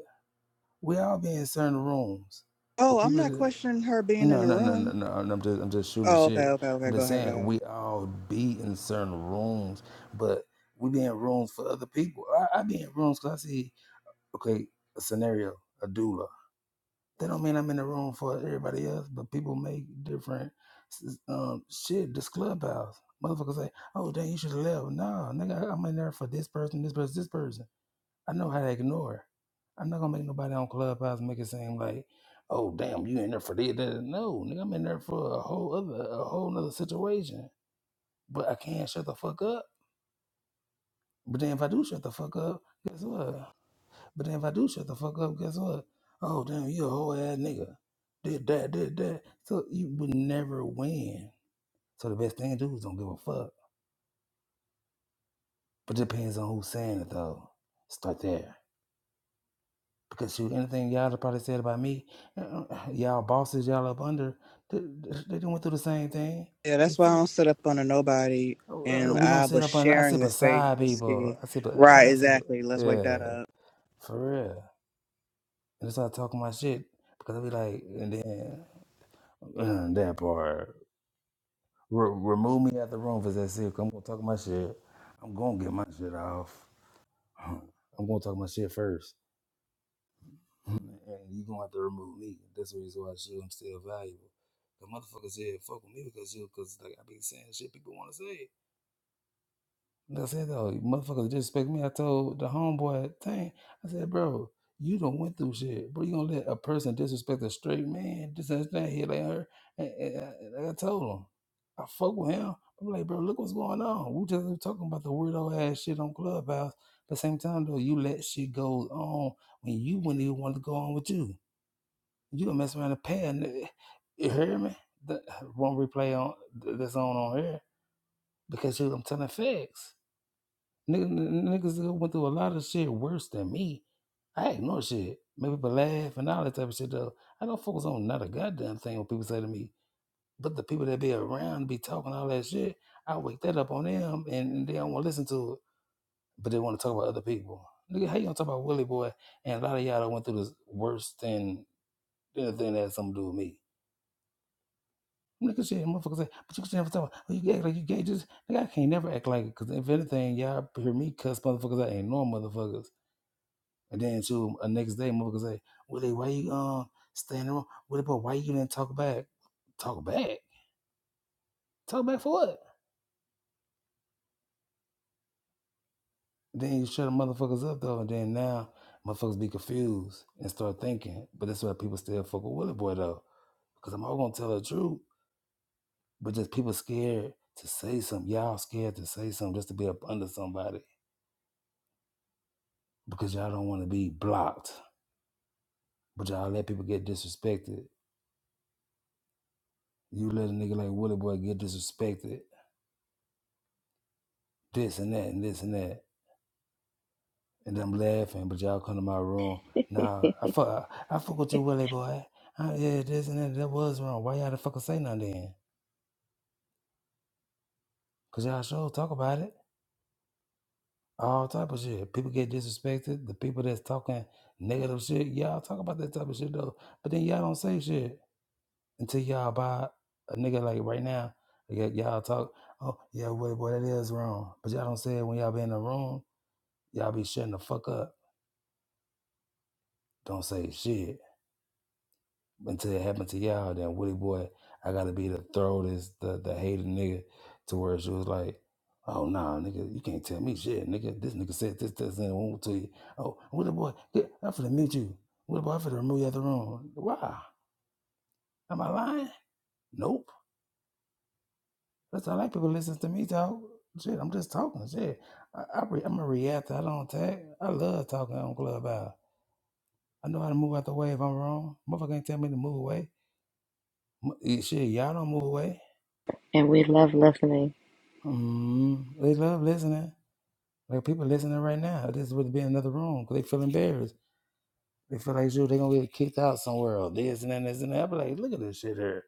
[SPEAKER 2] We all be in certain rooms with
[SPEAKER 1] Oh, I'm
[SPEAKER 2] people
[SPEAKER 1] not
[SPEAKER 2] that.
[SPEAKER 1] questioning her being in
[SPEAKER 2] No,
[SPEAKER 1] the
[SPEAKER 2] no, no, no,
[SPEAKER 1] room.
[SPEAKER 2] no. I'm just, I'm just shooting the
[SPEAKER 1] Oh, okay,
[SPEAKER 2] shit.
[SPEAKER 1] okay,
[SPEAKER 2] I'm
[SPEAKER 1] okay. Go
[SPEAKER 2] just
[SPEAKER 1] ahead, go
[SPEAKER 2] saying
[SPEAKER 1] ahead.
[SPEAKER 2] we all be in certain rooms, but we be in rooms for other people. I, I be in rooms because I see, okay, a scenario, a doula. That don't mean I'm in the room for everybody else, but people make different um, shit. This clubhouse, motherfuckers say, "Oh, dang, you should have left." No, nigga, I'm in there for this person, this person, this person. I know how to ignore. I'm not gonna make nobody on clubhouse make it seem like, "Oh, damn, you in there for this." that." No, nigga, I'm in there for a whole other, a whole other situation. But I can't shut the fuck up. But then if I do shut the fuck up, guess what? But then if I do shut the fuck up, guess what? Oh damn, you a whole ass nigga. Did that, did that. So you would never win. So the best thing to do is don't give a fuck. But it depends on who's saying it though. Start there. Because shoot, anything y'all have probably said about me, uh, uh, y'all bosses, y'all up under, they, they done went through the same thing.
[SPEAKER 1] Yeah,
[SPEAKER 2] They
[SPEAKER 1] that's why I
[SPEAKER 2] said,
[SPEAKER 1] don't sit up under nobody.
[SPEAKER 2] "Oh, uh,
[SPEAKER 1] And
[SPEAKER 2] we don't
[SPEAKER 1] I
[SPEAKER 2] sit
[SPEAKER 1] was
[SPEAKER 2] up under, I sit
[SPEAKER 1] sharing the space
[SPEAKER 2] beside
[SPEAKER 1] with
[SPEAKER 2] people.
[SPEAKER 1] Ski.
[SPEAKER 2] I sit, be,
[SPEAKER 1] Right,
[SPEAKER 2] I sit, be,
[SPEAKER 1] exactly. Let's wake
[SPEAKER 2] yeah,
[SPEAKER 1] that up.
[SPEAKER 2] for real. And they start talking my shit because I be like, and then Uh, that part. Re- remove me out the room for that sick. I'm gonna talk my shit. I'm gonna get my shit off. I'm gonna talk my shit first, and you gonna have to remove me. That's the reason why I shoot. I'm still valuable. The motherfuckers here "Fuck with me because you," because like I be saying shit people want to say. I said, though, motherfuckers disrespect me. I told the homeboy thing. I said, bro, you don't went through shit. Bro, you gonna let a person disrespect a straight man? This and that, he like her. And, and, I, and I told him, I fuck with him. I'm like, bro, look what's going on. We just was talking about the weirdo ass shit on Clubhouse. But same time though, you let shit go on when you wouldn't even want to go on with you. You gonna mess around and pay. a nigga. You hear me? The one replay on that's on on here because you, I'm telling facts. Niggas, n- niggas who went through a lot of shit worse than me. I ignore shit. Make people laugh and all that type of shit though. I don't focus on not a goddamn thing what people say to me. But the people that be around be talking all that shit, I wake that up on them and they don't want to listen to it. But they want to talk about other people. Nigga, how you gonna talk about Willie Boy and a lot of y'all that went through this worse than anything that had something to do with me? Nigga shit, motherfuckers say, but you can never talk about, well, you act like you gay. Just, nigga, I can't never act like it. Cause if anything, y'all hear me cuss motherfuckers out and ignore motherfuckers. And then too, uh, next day, motherfucker say, Willie, why you um standing wrong? Willie, boy, why you didn't talk back? Talk back? Talk back for what? Then you shut the motherfuckers up though, and then now motherfuckers be confused and start thinking. But that's why people still fuck with Willie boy though, because I'm all gonna tell the truth. But just people scared to say something. Y'all scared to say something just to be up under somebody because y'all don't want to be blocked. But y'all let people get disrespected. You let a nigga like Willie boy get disrespected. This and that and this and that and I'm laughing, but y'all come to my room. Nah, I fuck, I I fuck with you, Willie boy. I, yeah, this and that, that was wrong. Why y'all the fucker say nothing then? Cause y'all sure talk about it. All type of shit. People get disrespected. The people that's talking negative shit, y'all talk about that type of shit though. But then y'all don't say shit until y'all buy a nigga like right now. y- Y'all talk, oh yeah, Willie boy, that is wrong. But y'all don't say it when y'all be in the room. Y'all be shutting the fuck up. Don't say shit. until it happened to y'all, then Woody boy, I gotta be the throw this the the hated nigga to where she was like, Oh nah, nigga, you can't tell me shit, nigga. This nigga said this, this, and one to you. Oh, Woody boy, get, I'm finna mute you. Woody boy, I'm finna remove you out the room. Why? Am I lying? Nope. That's how like people listen to me talk. Shit, I'm just talking. Shit, I, I re, I'm a reactor. I don't tag. I love talking on Clubhouse. I know how to move out the way if I'm wrong. Motherfucker ain't tell me to move away. M- eh, Shit, y'all don't move away.
[SPEAKER 7] and we love listening.
[SPEAKER 2] mm They love listening. Like people listening right now. This would be another room because they feel embarrassed. They feel like you. They gonna get kicked out somewhere or this and then this and that. I be like, look at this shit here.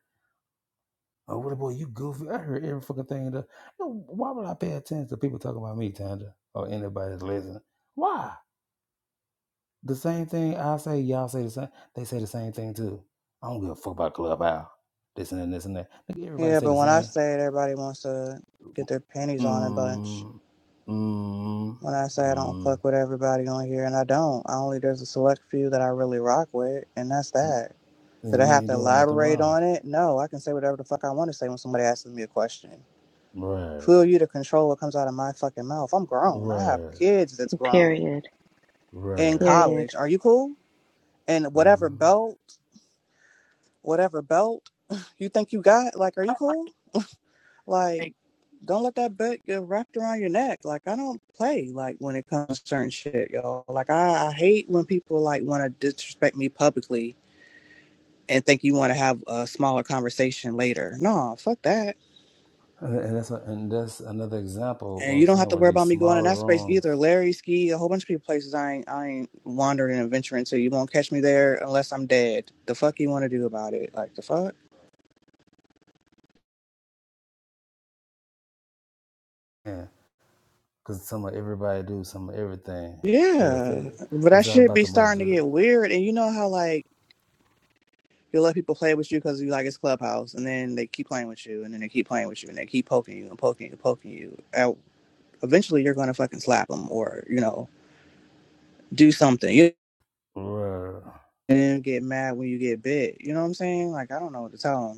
[SPEAKER 2] Oh, what about you, goofy? I heard every fucking thing. in Why would I pay attention to people talking about me, Tanda, or anybody that's listening? Why? The same thing I say, y'all say the same. They say the same thing too. I don't give a fuck about Clubhouse. This and then this and that. Nigga, everybody
[SPEAKER 1] Yeah,
[SPEAKER 2] say
[SPEAKER 1] but
[SPEAKER 2] the
[SPEAKER 1] when I
[SPEAKER 2] same.
[SPEAKER 1] say it, everybody wants to get their panties on a bunch.
[SPEAKER 2] Mm, mm,
[SPEAKER 1] When I say I don't
[SPEAKER 2] mm,
[SPEAKER 1] fuck with everybody on here, and I don't. I only there's a select few that I really rock with, and that's
[SPEAKER 2] mm.
[SPEAKER 1] that. Did
[SPEAKER 2] then
[SPEAKER 1] I
[SPEAKER 2] you
[SPEAKER 1] have
[SPEAKER 2] ain't
[SPEAKER 1] to
[SPEAKER 2] doing nothing
[SPEAKER 1] elaborate
[SPEAKER 2] wrong.
[SPEAKER 1] on it? No, I can say whatever the fuck I want to say when somebody asks me a question.
[SPEAKER 2] Right,
[SPEAKER 1] Who are you to control what comes out of my fucking mouth? I'm grown. I have
[SPEAKER 2] right,
[SPEAKER 1] kids that's grown
[SPEAKER 7] Period.
[SPEAKER 1] in
[SPEAKER 2] right.
[SPEAKER 7] Period.
[SPEAKER 1] college. Are you cool? And whatever
[SPEAKER 2] Mhm.
[SPEAKER 1] belt, whatever belt you think you got, like, are you cool?
[SPEAKER 8] up.
[SPEAKER 1] Like, don't let that belt get wrapped around your neck. Like, I don't play, like, when it comes to certain shit, y'all. Like, I, I hate when people, like, want to disrespect me publicly and think you want to have a smaller conversation later. No, fuck that
[SPEAKER 2] And, and that's a, and that's another example. What
[SPEAKER 1] And you
[SPEAKER 2] I'm
[SPEAKER 1] don't have
[SPEAKER 2] saying
[SPEAKER 1] to
[SPEAKER 2] would
[SPEAKER 1] worry
[SPEAKER 2] be
[SPEAKER 1] about me going in
[SPEAKER 2] smaller
[SPEAKER 1] that space
[SPEAKER 2] rooms,
[SPEAKER 1] either. Larry, Ski, a whole bunch of people places I ain't I ain't wandered and adventuring to. You won't catch me there unless I'm dead. The fuck you wanna do about it? Like the fuck?
[SPEAKER 2] yeah. Because some of everybody do some of everything. Like I said,
[SPEAKER 1] Yeah. But that
[SPEAKER 2] it's all
[SPEAKER 1] should
[SPEAKER 2] about
[SPEAKER 1] be
[SPEAKER 2] the
[SPEAKER 1] starting to get
[SPEAKER 2] majority,
[SPEAKER 1] weird. And you know how like you let people play with you because you like it's clubhouse and then they keep playing with you and then they keep playing with you and they keep poking you and poking you and poking you. And eventually you're gonna fucking slap them or, you know, do something. You
[SPEAKER 2] Right.
[SPEAKER 1] and then get mad when you get bit. You know what I'm saying? Like I don't know what to tell them.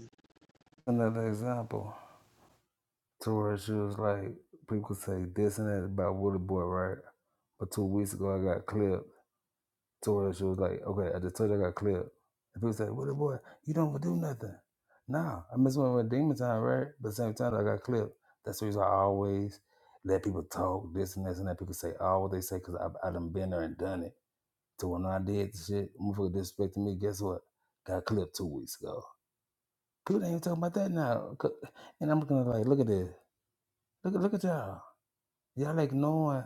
[SPEAKER 2] Another example to where she was like, people say this and that about Woody Boy, right? But two weeks ago, I got clipped. to where she was like, okay, I just told you I got cleared. And people said, what a boy, you don't do nothing. Nah, I miss when I went demon time, right? But at the same time, I got clipped. That's the reason I always let people talk this and this and that. People say all what they say because I, I done been there and done it. So when I did the shit, motherfucker disrespected me. Guess what? Got clipped two weeks ago. People ain't even talking about that now. C- And I'm gonna like, look at this. Look at look at y'all. Y'all like knowing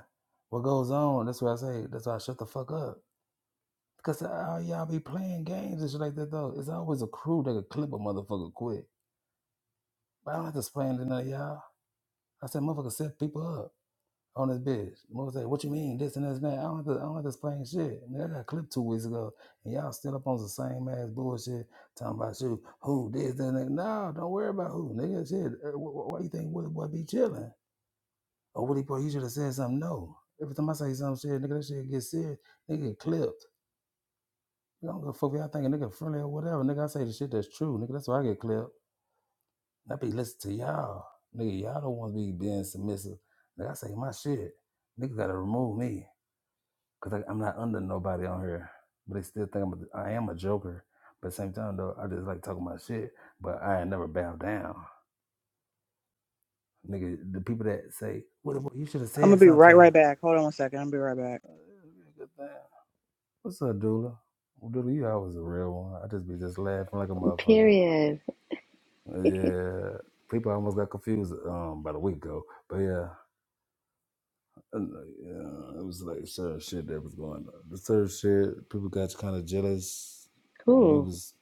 [SPEAKER 2] what goes on. That's why I say. That's why I shut the fuck up. Cause all y'all be playing games and shit like that though. It's always a crew that could clip a motherfucker quick. But I don't have to explain to none of y'all. I said motherfucker set people up on this bitch. Motherfucker say, what you mean? This and this and that. I don't have to I don't have to explain shit. Nigga, I got clipped two weeks ago and y'all still up on the same ass bullshit talking about you, who this, that, and that. No, don't worry about who, nigga. Shit. uh, wh- wh- Why you think Willie Boy be chilling? Or Willie Boy, you should have said something. No. Every time I say some shit, nigga, that shit get serious, nigga get clipped. I don't go fuck if y'all thinking nigga friendly or whatever. Nigga, I say the shit that's true. Nigga, that's why I get clipped. I be listening to y'all. Nigga, y'all don't want to be being submissive. Nigga, I say my shit. Nigga gotta remove me. Cause I, I'm not under nobody on here. But they still think I'm a, I am a joker. But at the same time though, I just like talking my shit. But I ain't never bow down. Nigga, the people that say, what about, you should have
[SPEAKER 1] I'm gonna
[SPEAKER 2] said
[SPEAKER 1] be right
[SPEAKER 2] something.
[SPEAKER 1] right back. Hold on one second. I'll be right back.
[SPEAKER 2] Uh, nigga, damn. What's up, Dula? Well, Dula, you always a real one. I just be just laughing like a motherfucker.
[SPEAKER 7] Period.
[SPEAKER 2] Yeah, people almost got confused um about a week ago, but yeah, and, uh, yeah, it was like certain shit that was going on. The certain shit people got kind of jealous. You
[SPEAKER 7] Cool.
[SPEAKER 2] was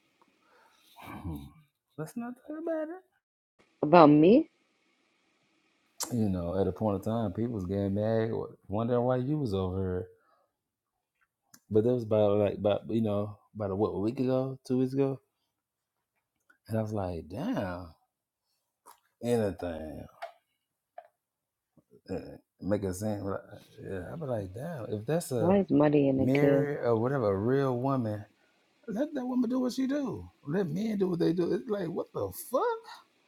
[SPEAKER 2] hmm, let's not talk about it.
[SPEAKER 7] About me?
[SPEAKER 2] You know, at a point in time, people was getting mad, or wondering why you was over here. But that was about like about you know about a, what a week ago, two weeks ago, and I was like, damn, anything. uh, make it seem like, yeah, I'd be like, damn, if that's
[SPEAKER 7] Why
[SPEAKER 2] a
[SPEAKER 7] is muddy in a good?
[SPEAKER 2] married or whatever, a real woman, let that woman do what she do. Let men do what they do. It's like, what the fuck?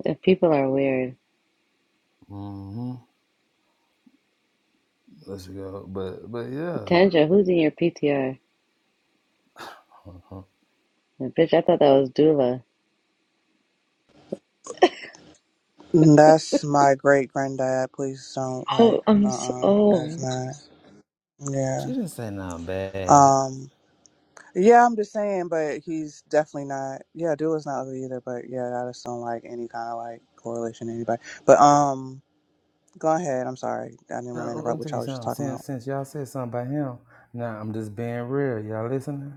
[SPEAKER 7] If people are weird.
[SPEAKER 2] Mm-hmm. Let's go. But, but yeah.
[SPEAKER 7] Tanja, who's in your PTR?
[SPEAKER 2] Uh-huh.
[SPEAKER 7] Bitch, I thought that was Dula.
[SPEAKER 1] That's my great granddad. Please don't
[SPEAKER 7] Oh,
[SPEAKER 1] like.
[SPEAKER 7] I'm so.
[SPEAKER 1] Uh. uh That's
[SPEAKER 7] Oh.
[SPEAKER 1] not. Yeah.
[SPEAKER 2] she didn't say nothing bad.
[SPEAKER 1] Um. Yeah, I'm just saying, but he's definitely not. Yeah, Dula's not ugly either. But yeah, I just don't like any kind of like correlation to anybody. But um, go ahead. I'm sorry. I didn't
[SPEAKER 2] No,
[SPEAKER 1] want to
[SPEAKER 2] I'm
[SPEAKER 1] interrupt
[SPEAKER 2] gonna
[SPEAKER 1] what
[SPEAKER 2] tell you
[SPEAKER 1] y'all was just
[SPEAKER 2] something.
[SPEAKER 1] talking
[SPEAKER 2] Since,
[SPEAKER 1] about.
[SPEAKER 2] since y'all said something about him, now I'm just being real. Y'all listening?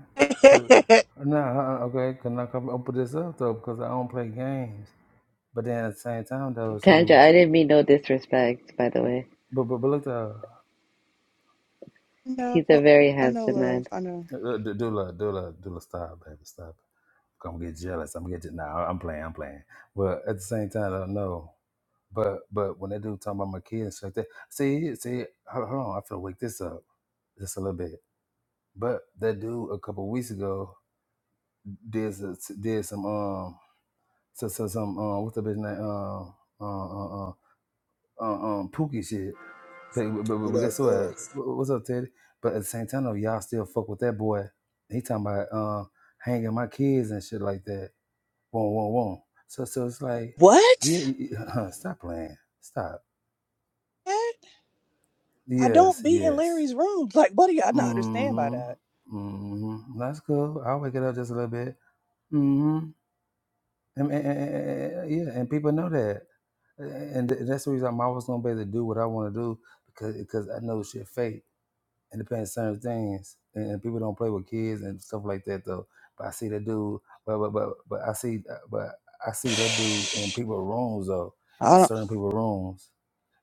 [SPEAKER 2] But, no, nah, uh, okay, can I come up this up though? Because I don't play games. But then at the same time, though,
[SPEAKER 7] Tanja,
[SPEAKER 2] too
[SPEAKER 7] I didn't mean no disrespect, by the way.
[SPEAKER 2] But but but look, uh, uh,
[SPEAKER 1] no,
[SPEAKER 7] He's a very
[SPEAKER 1] I know,
[SPEAKER 7] handsome man.
[SPEAKER 1] love. I know.
[SPEAKER 2] uh, D- Dula, Dula, Dula, stop, baby, stop. I'm gonna get jealous. I'm gonna get. Je- nah, I'm playing. I'm playing. But at the same time, I don't know. But but when that dude talking about my kids and stuff like that, see see, hold hold on, I feel wake this up just a little bit. But that dude a couple weeks ago did s- did some um so, so some um what's the bitch name um uh uh uh uh, uh um Pookie shit But, but,
[SPEAKER 9] What
[SPEAKER 2] but guess
[SPEAKER 9] up, dog?
[SPEAKER 2] what? What's up, Teddy? But at the same time, though, y'all still fuck with that boy. He talking about uh, hanging my kids and shit like that. Whoa, whoa, whoa. So, so it's like, yeah,
[SPEAKER 1] What?
[SPEAKER 2] y- stop playing. Stop.
[SPEAKER 1] What? I don't
[SPEAKER 2] Yes,
[SPEAKER 1] be in
[SPEAKER 2] yes.
[SPEAKER 1] Larry's room. Like, what do y'all not understand by
[SPEAKER 2] Mm-hmm.
[SPEAKER 1] that?
[SPEAKER 2] Mm-hmm. That's cool. I'll wake it up just a little bit. Mm-hmm. And, and- and- and- and- yeah, and people know that. And th- that's the reason I'm always gonna be able to do what I want to do because because I know shit fake and depending certain things. And, and people don't play with kids and stuff like that though. But I see that dude. But but but, but I see uh, but I see that dude in people rooms though, in
[SPEAKER 1] I don't,
[SPEAKER 2] certain people rooms,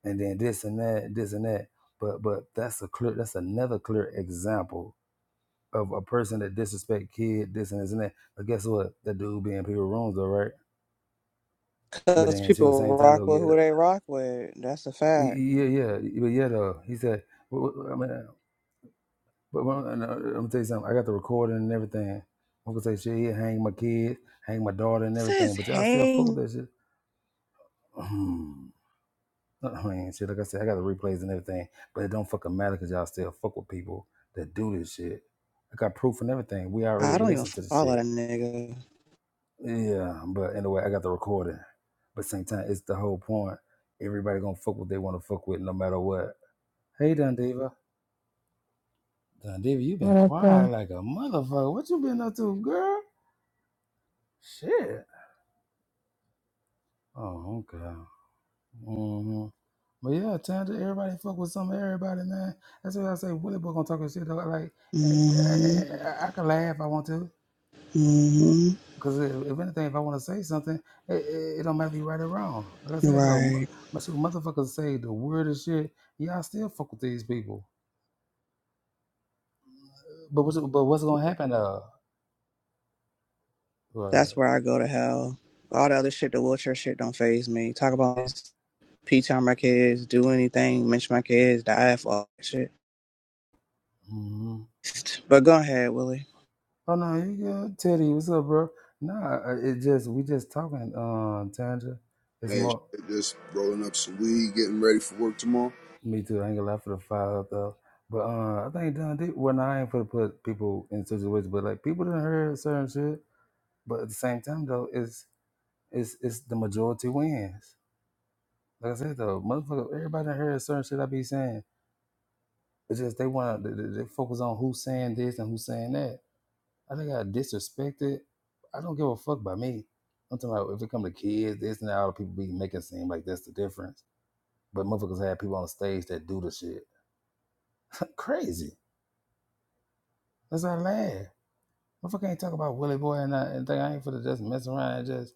[SPEAKER 2] and then this and that, this and that. But but that's a clear. That's another clear example of a person that disrespect kid, this and this and that. But guess what? That dude be in people rooms though, right? But
[SPEAKER 1] because
[SPEAKER 2] then she was
[SPEAKER 1] people
[SPEAKER 2] saying time
[SPEAKER 1] rock
[SPEAKER 2] though,
[SPEAKER 1] with
[SPEAKER 2] yeah,
[SPEAKER 1] who they rock with. That's a fact.
[SPEAKER 2] yeah, yeah, but yeah though. He said, wh- wh- I mean, But when, and, uh, I'm gonna tell you something. I got the recording and everything. I'm gonna say shit. He hang my kid, hang my daughter, and everything.
[SPEAKER 1] Says
[SPEAKER 2] But y'all still fuck with
[SPEAKER 1] Hang.
[SPEAKER 2] that shit. I mean, shit. Like I said, I got the replays and everything. But it don't fucking matter because y'all still fuck with people that do this shit. I got proof and everything. We already
[SPEAKER 1] I don't even
[SPEAKER 2] listened to the
[SPEAKER 1] follow
[SPEAKER 2] shit.
[SPEAKER 1] that nigga.
[SPEAKER 2] Yeah. But anyway, I got the recording. But same time, it's the whole point. Everybody gonna fuck what they want to fuck with, no matter what. Hey, Dundiva. Dundiva, you been
[SPEAKER 10] What up, though?
[SPEAKER 2] quiet like a motherfucker. What you been up to, girl? Shit. Oh, okay. hmm But yeah, Tandra, everybody fuck with some of everybody, man. That's why I say. Willie boy gonna talk his shit. Though. Like, eh,
[SPEAKER 1] hmm
[SPEAKER 2] eh, I, I can laugh if I want to,
[SPEAKER 1] hmm
[SPEAKER 2] because if, if anything, if I want to say something, it, it, it don't matter if you right or wrong. Like I said, though, m-
[SPEAKER 1] Right.
[SPEAKER 2] my shit, motherfuckers say the weirdest shit. Y'all still fuck with these people. But what's but what's gonna happen? Uh,
[SPEAKER 1] That's
[SPEAKER 2] Right.
[SPEAKER 1] where I go to hell. All the other shit, the wheelchair shit, don't faze me. Talk about P T on my kids, do anything, mention my kids, die for all that shit.
[SPEAKER 2] hmm
[SPEAKER 1] But go ahead, Willie.
[SPEAKER 2] oh no, you good, Teddy? What's up, bro? Nah, uh, it just we just talking, um, Tandra. It's
[SPEAKER 9] Hey,
[SPEAKER 2] more.
[SPEAKER 9] shit, just rolling up some weed, getting ready for work tomorrow.
[SPEAKER 2] Me too. I ain't gonna lie for the five though. But uh, I think done did well. Nah, I ain't for to put people in situations, but like people done heard certain shit. But at the same time though, it's it's it's the majority wins. Like I said though, motherfucker, everybody done heard certain shit I be saying. It's just they want to they, they they focus on who's saying this and who's saying that. I think I disrespected. I don't give a fuck by me. I'm talking about if it come to kids, this and that, all the people be making it seem like that's the difference. But motherfuckers have people on stage that do the shit. Crazy. That's our laugh. Motherfucker ain't talk about Willie Boy and, uh, and think I ain't for to just mess around and just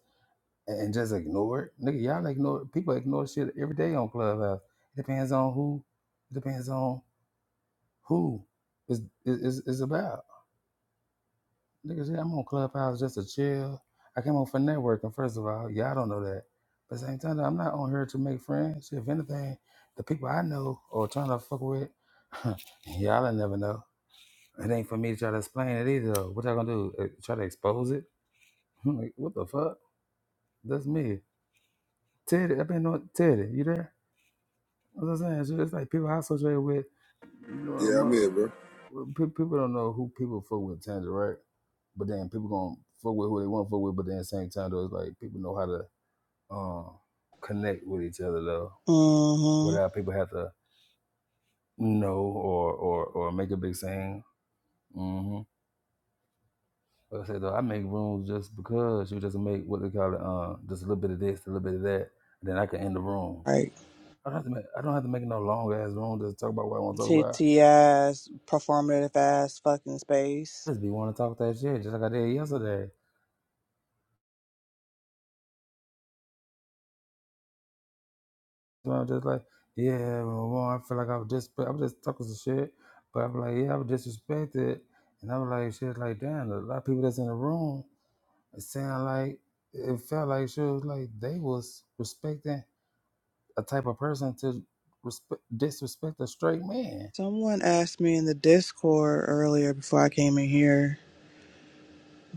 [SPEAKER 2] and just ignore it. Nigga, y'all ignore people ignore shit every day on Clubhouse. It depends on who. It depends on who is is is about. Nigga, yeah, I'm on Clubhouse just to chill. I came on for networking. First of all, y'all don't know that. But at the same time, I'm not on here to make friends. If anything, the people I know or trying to fuck with, y'all never know. It ain't for me to try to explain it either. What y'all gonna do? Uh, Try to expose it? Like, what the fuck? That's me. Teddy, I've been on Teddy. You there? That's what I'm saying. It's, just, it's like people I associate with. You know,
[SPEAKER 9] Yeah, I'm here,
[SPEAKER 2] mo-
[SPEAKER 9] bro.
[SPEAKER 2] pe- people don't know who people fuck with Tangier, right? But then people gonna fuck with who they want to fuck with. But then at the same time, though, it's like people know how to uh, connect with each other though,
[SPEAKER 1] hmm
[SPEAKER 2] without people have to know or or or make a big scene. hmm Like I said though, I make rooms just because you just make what they call it, uh, just a little bit of this, a little bit of that. Then I can end the room.
[SPEAKER 1] Right.
[SPEAKER 2] I don't have to make, I don't have to make no long ass room to talk about what I want to talk about.
[SPEAKER 1] TTS, performative ass fucking space.
[SPEAKER 2] I just be want to talk that shit, just like I did yesterday. So I'm just like, yeah, well, well, I feel like I was just, I'm just talking some shit, but I'm like, yeah, I was disrespected, and I was like, shit, like damn, a lot of people that's in the room, it sound like it felt like shit was like they was respecting a type of person to respect, disrespect a straight man.
[SPEAKER 1] Someone asked me in the Discord earlier before I came in here.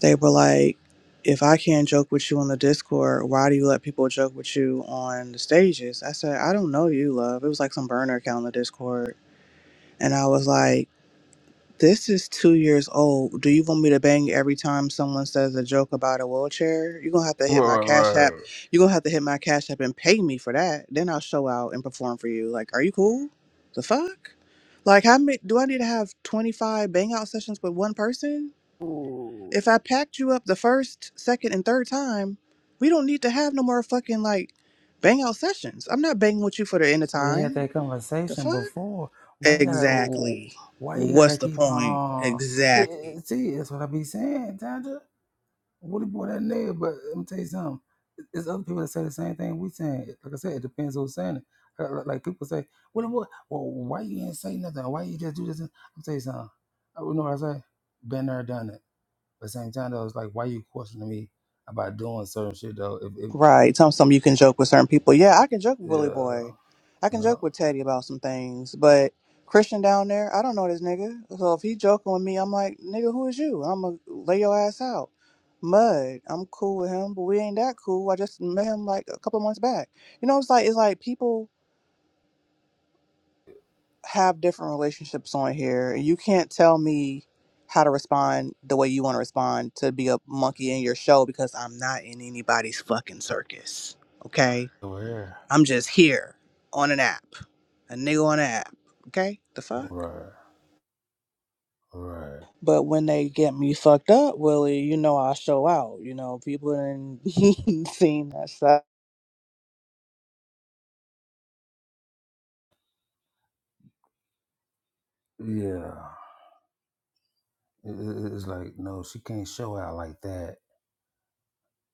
[SPEAKER 1] They were like, if I can't joke with you on the Discord, why do you let people joke with you on the stages? I said, I don't know you, love. It was like some burner account on the Discord. And I was like, this is two years old. Do you want me to bang every time someone says a joke about a wheelchair? You're gonna have to
[SPEAKER 2] Right,
[SPEAKER 1] hit my
[SPEAKER 2] right,
[SPEAKER 1] cash app.
[SPEAKER 2] right.
[SPEAKER 1] You're gonna have to hit my cash app and pay me for that. Then I'll show out and perform for you. Like, are you cool? The fuck? Like, how many do I need to have 25 bang out sessions with one person?
[SPEAKER 2] Ooh.
[SPEAKER 1] If I packed you up the first, second, and third time, we don't need to have no more fucking like bang out sessions. I'm not banging with you for the end of
[SPEAKER 2] already had
[SPEAKER 1] time.
[SPEAKER 2] that
[SPEAKER 1] The
[SPEAKER 2] conversation
[SPEAKER 1] fuck?
[SPEAKER 2] before. Why you gotta?
[SPEAKER 1] Exactly.
[SPEAKER 2] Why you gotta
[SPEAKER 1] What's the
[SPEAKER 2] keep
[SPEAKER 1] point?
[SPEAKER 2] on? It,
[SPEAKER 1] Exactly.
[SPEAKER 2] it, see, that's what I be saying, Tanja. Woody boy, that nigga. But let me tell you something. It's other people that say the same thing we saying. Like I said, it depends who's saying it. Like like- like people say, Woody boy, well, why you ain't say nothing? Why you just do this? I'm tell you something. I you know what I say. Been there, done it. But same time though, it's like, why you questioning me about doing certain shit though? If, if,
[SPEAKER 1] Right. Some some you can joke with certain people. Yeah, I can joke with Willie
[SPEAKER 2] yeah,
[SPEAKER 1] Boy. I can
[SPEAKER 2] yeah,
[SPEAKER 1] joke with Teddy about some things, but Christian down there, I don't know this nigga. So if he joking with me, I'm like, nigga, who is you? I'ma lay your ass out. Mud, I'm cool with him, but we ain't that cool. I just met him like a couple months back. You know, it's like it's like people have different relationships on here. and You can't tell me how to respond the way you want to respond to be a monkey in your show because I'm not in anybody's fucking circus. Okay?
[SPEAKER 2] over here,
[SPEAKER 1] I'm just here on an app, a nigga on an app. Okay, the fuck.
[SPEAKER 2] right. Right.
[SPEAKER 1] But when they get me fucked up, Willie, you know I show out. You know people ain't seen that stuff.
[SPEAKER 2] Yeah. It, it- it's like, no, she can't show out like that.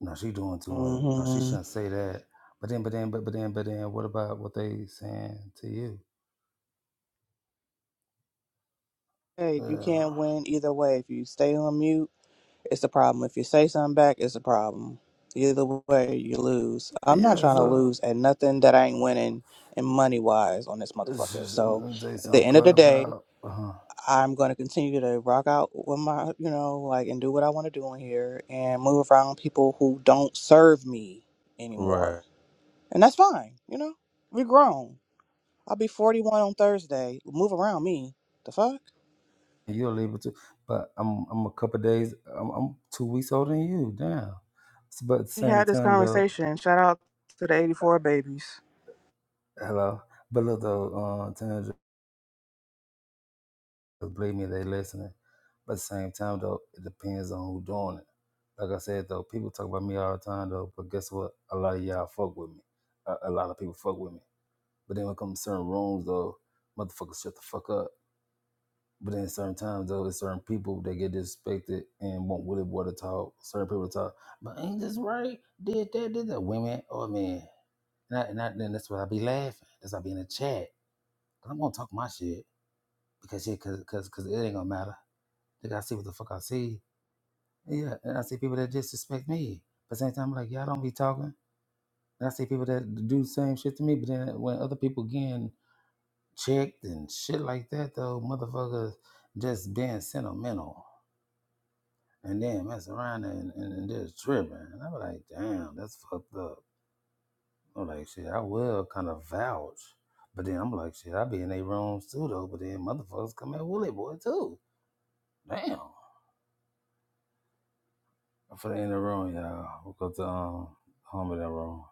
[SPEAKER 2] No, she doing too much. No, she
[SPEAKER 1] hmm
[SPEAKER 2] shouldn't say that. But then, but then, but, but then, but then, what about what they saying to you?
[SPEAKER 1] Hey, you
[SPEAKER 2] Yeah.
[SPEAKER 1] can't win either way. If you stay on mute, it's a problem. If you say something back, it's a problem. Either way, you lose. I'm not
[SPEAKER 2] Yeah,
[SPEAKER 1] trying to
[SPEAKER 2] so
[SPEAKER 1] lose at nothing that I ain't winning and money wise on this
[SPEAKER 2] it's
[SPEAKER 1] motherfucker.
[SPEAKER 2] just, I'm
[SPEAKER 1] So
[SPEAKER 2] gonna say
[SPEAKER 1] at the
[SPEAKER 2] something
[SPEAKER 1] end of the
[SPEAKER 2] club
[SPEAKER 1] day.
[SPEAKER 2] out. Uh-huh.
[SPEAKER 1] I'm going to continue to rock out with my, you know, like, and do what I want to do in here and move around people who don't serve me anymore.
[SPEAKER 2] Right.
[SPEAKER 1] And that's fine, you know? we grown. I'll be 41 on Thursday. Move around me. The fuck?
[SPEAKER 2] You'll leave it too. But I'm, I'm a couple days, I'm, I'm two weeks older than you. Damn. S- But at the
[SPEAKER 1] We
[SPEAKER 2] same
[SPEAKER 1] had this
[SPEAKER 2] time, though,
[SPEAKER 1] conversation. Shout out to the
[SPEAKER 2] uh,
[SPEAKER 1] 84 babies.
[SPEAKER 2] hello. But look, though, uh, Tandra, Because believe me, they listening. But at the same time, though, it depends on who doing it. Like I said, though, people talk about me all the time, though. But guess what? A lot of y'all fuck with me. A, a lot of people fuck with me. But then when it comes to certain rooms, though, motherfuckers shut the fuck up. But then certain times, though, there's certain people that get disrespected and won't really want Willie Boy to talk. Certain people to talk. But ain't this right? Did that? Did that? Women or men? And, I, and I, then that's why I be laughing. That's why I be in the chat. i I'm gonna talk my shit because shit, cause, cause, cause it ain't gonna matter. They gotta see what the fuck I see. Yeah, and I see people that disrespect me. But same time, I'm like, y'all don't be talking. And I see people that do the same shit to me, but then when other people getting checked and shit like that, though, motherfuckers just being sentimental and then mess around and, and, and just tripping. And I'm like, damn, that's fucked up. I'm like, shit, I will kind of vouch. But then I'm like, shit, I be in their rooms too, though. But then motherfuckers come at Willie Boy, too. Damn. For the end of the room, y'all. We'll go to um, home in that room.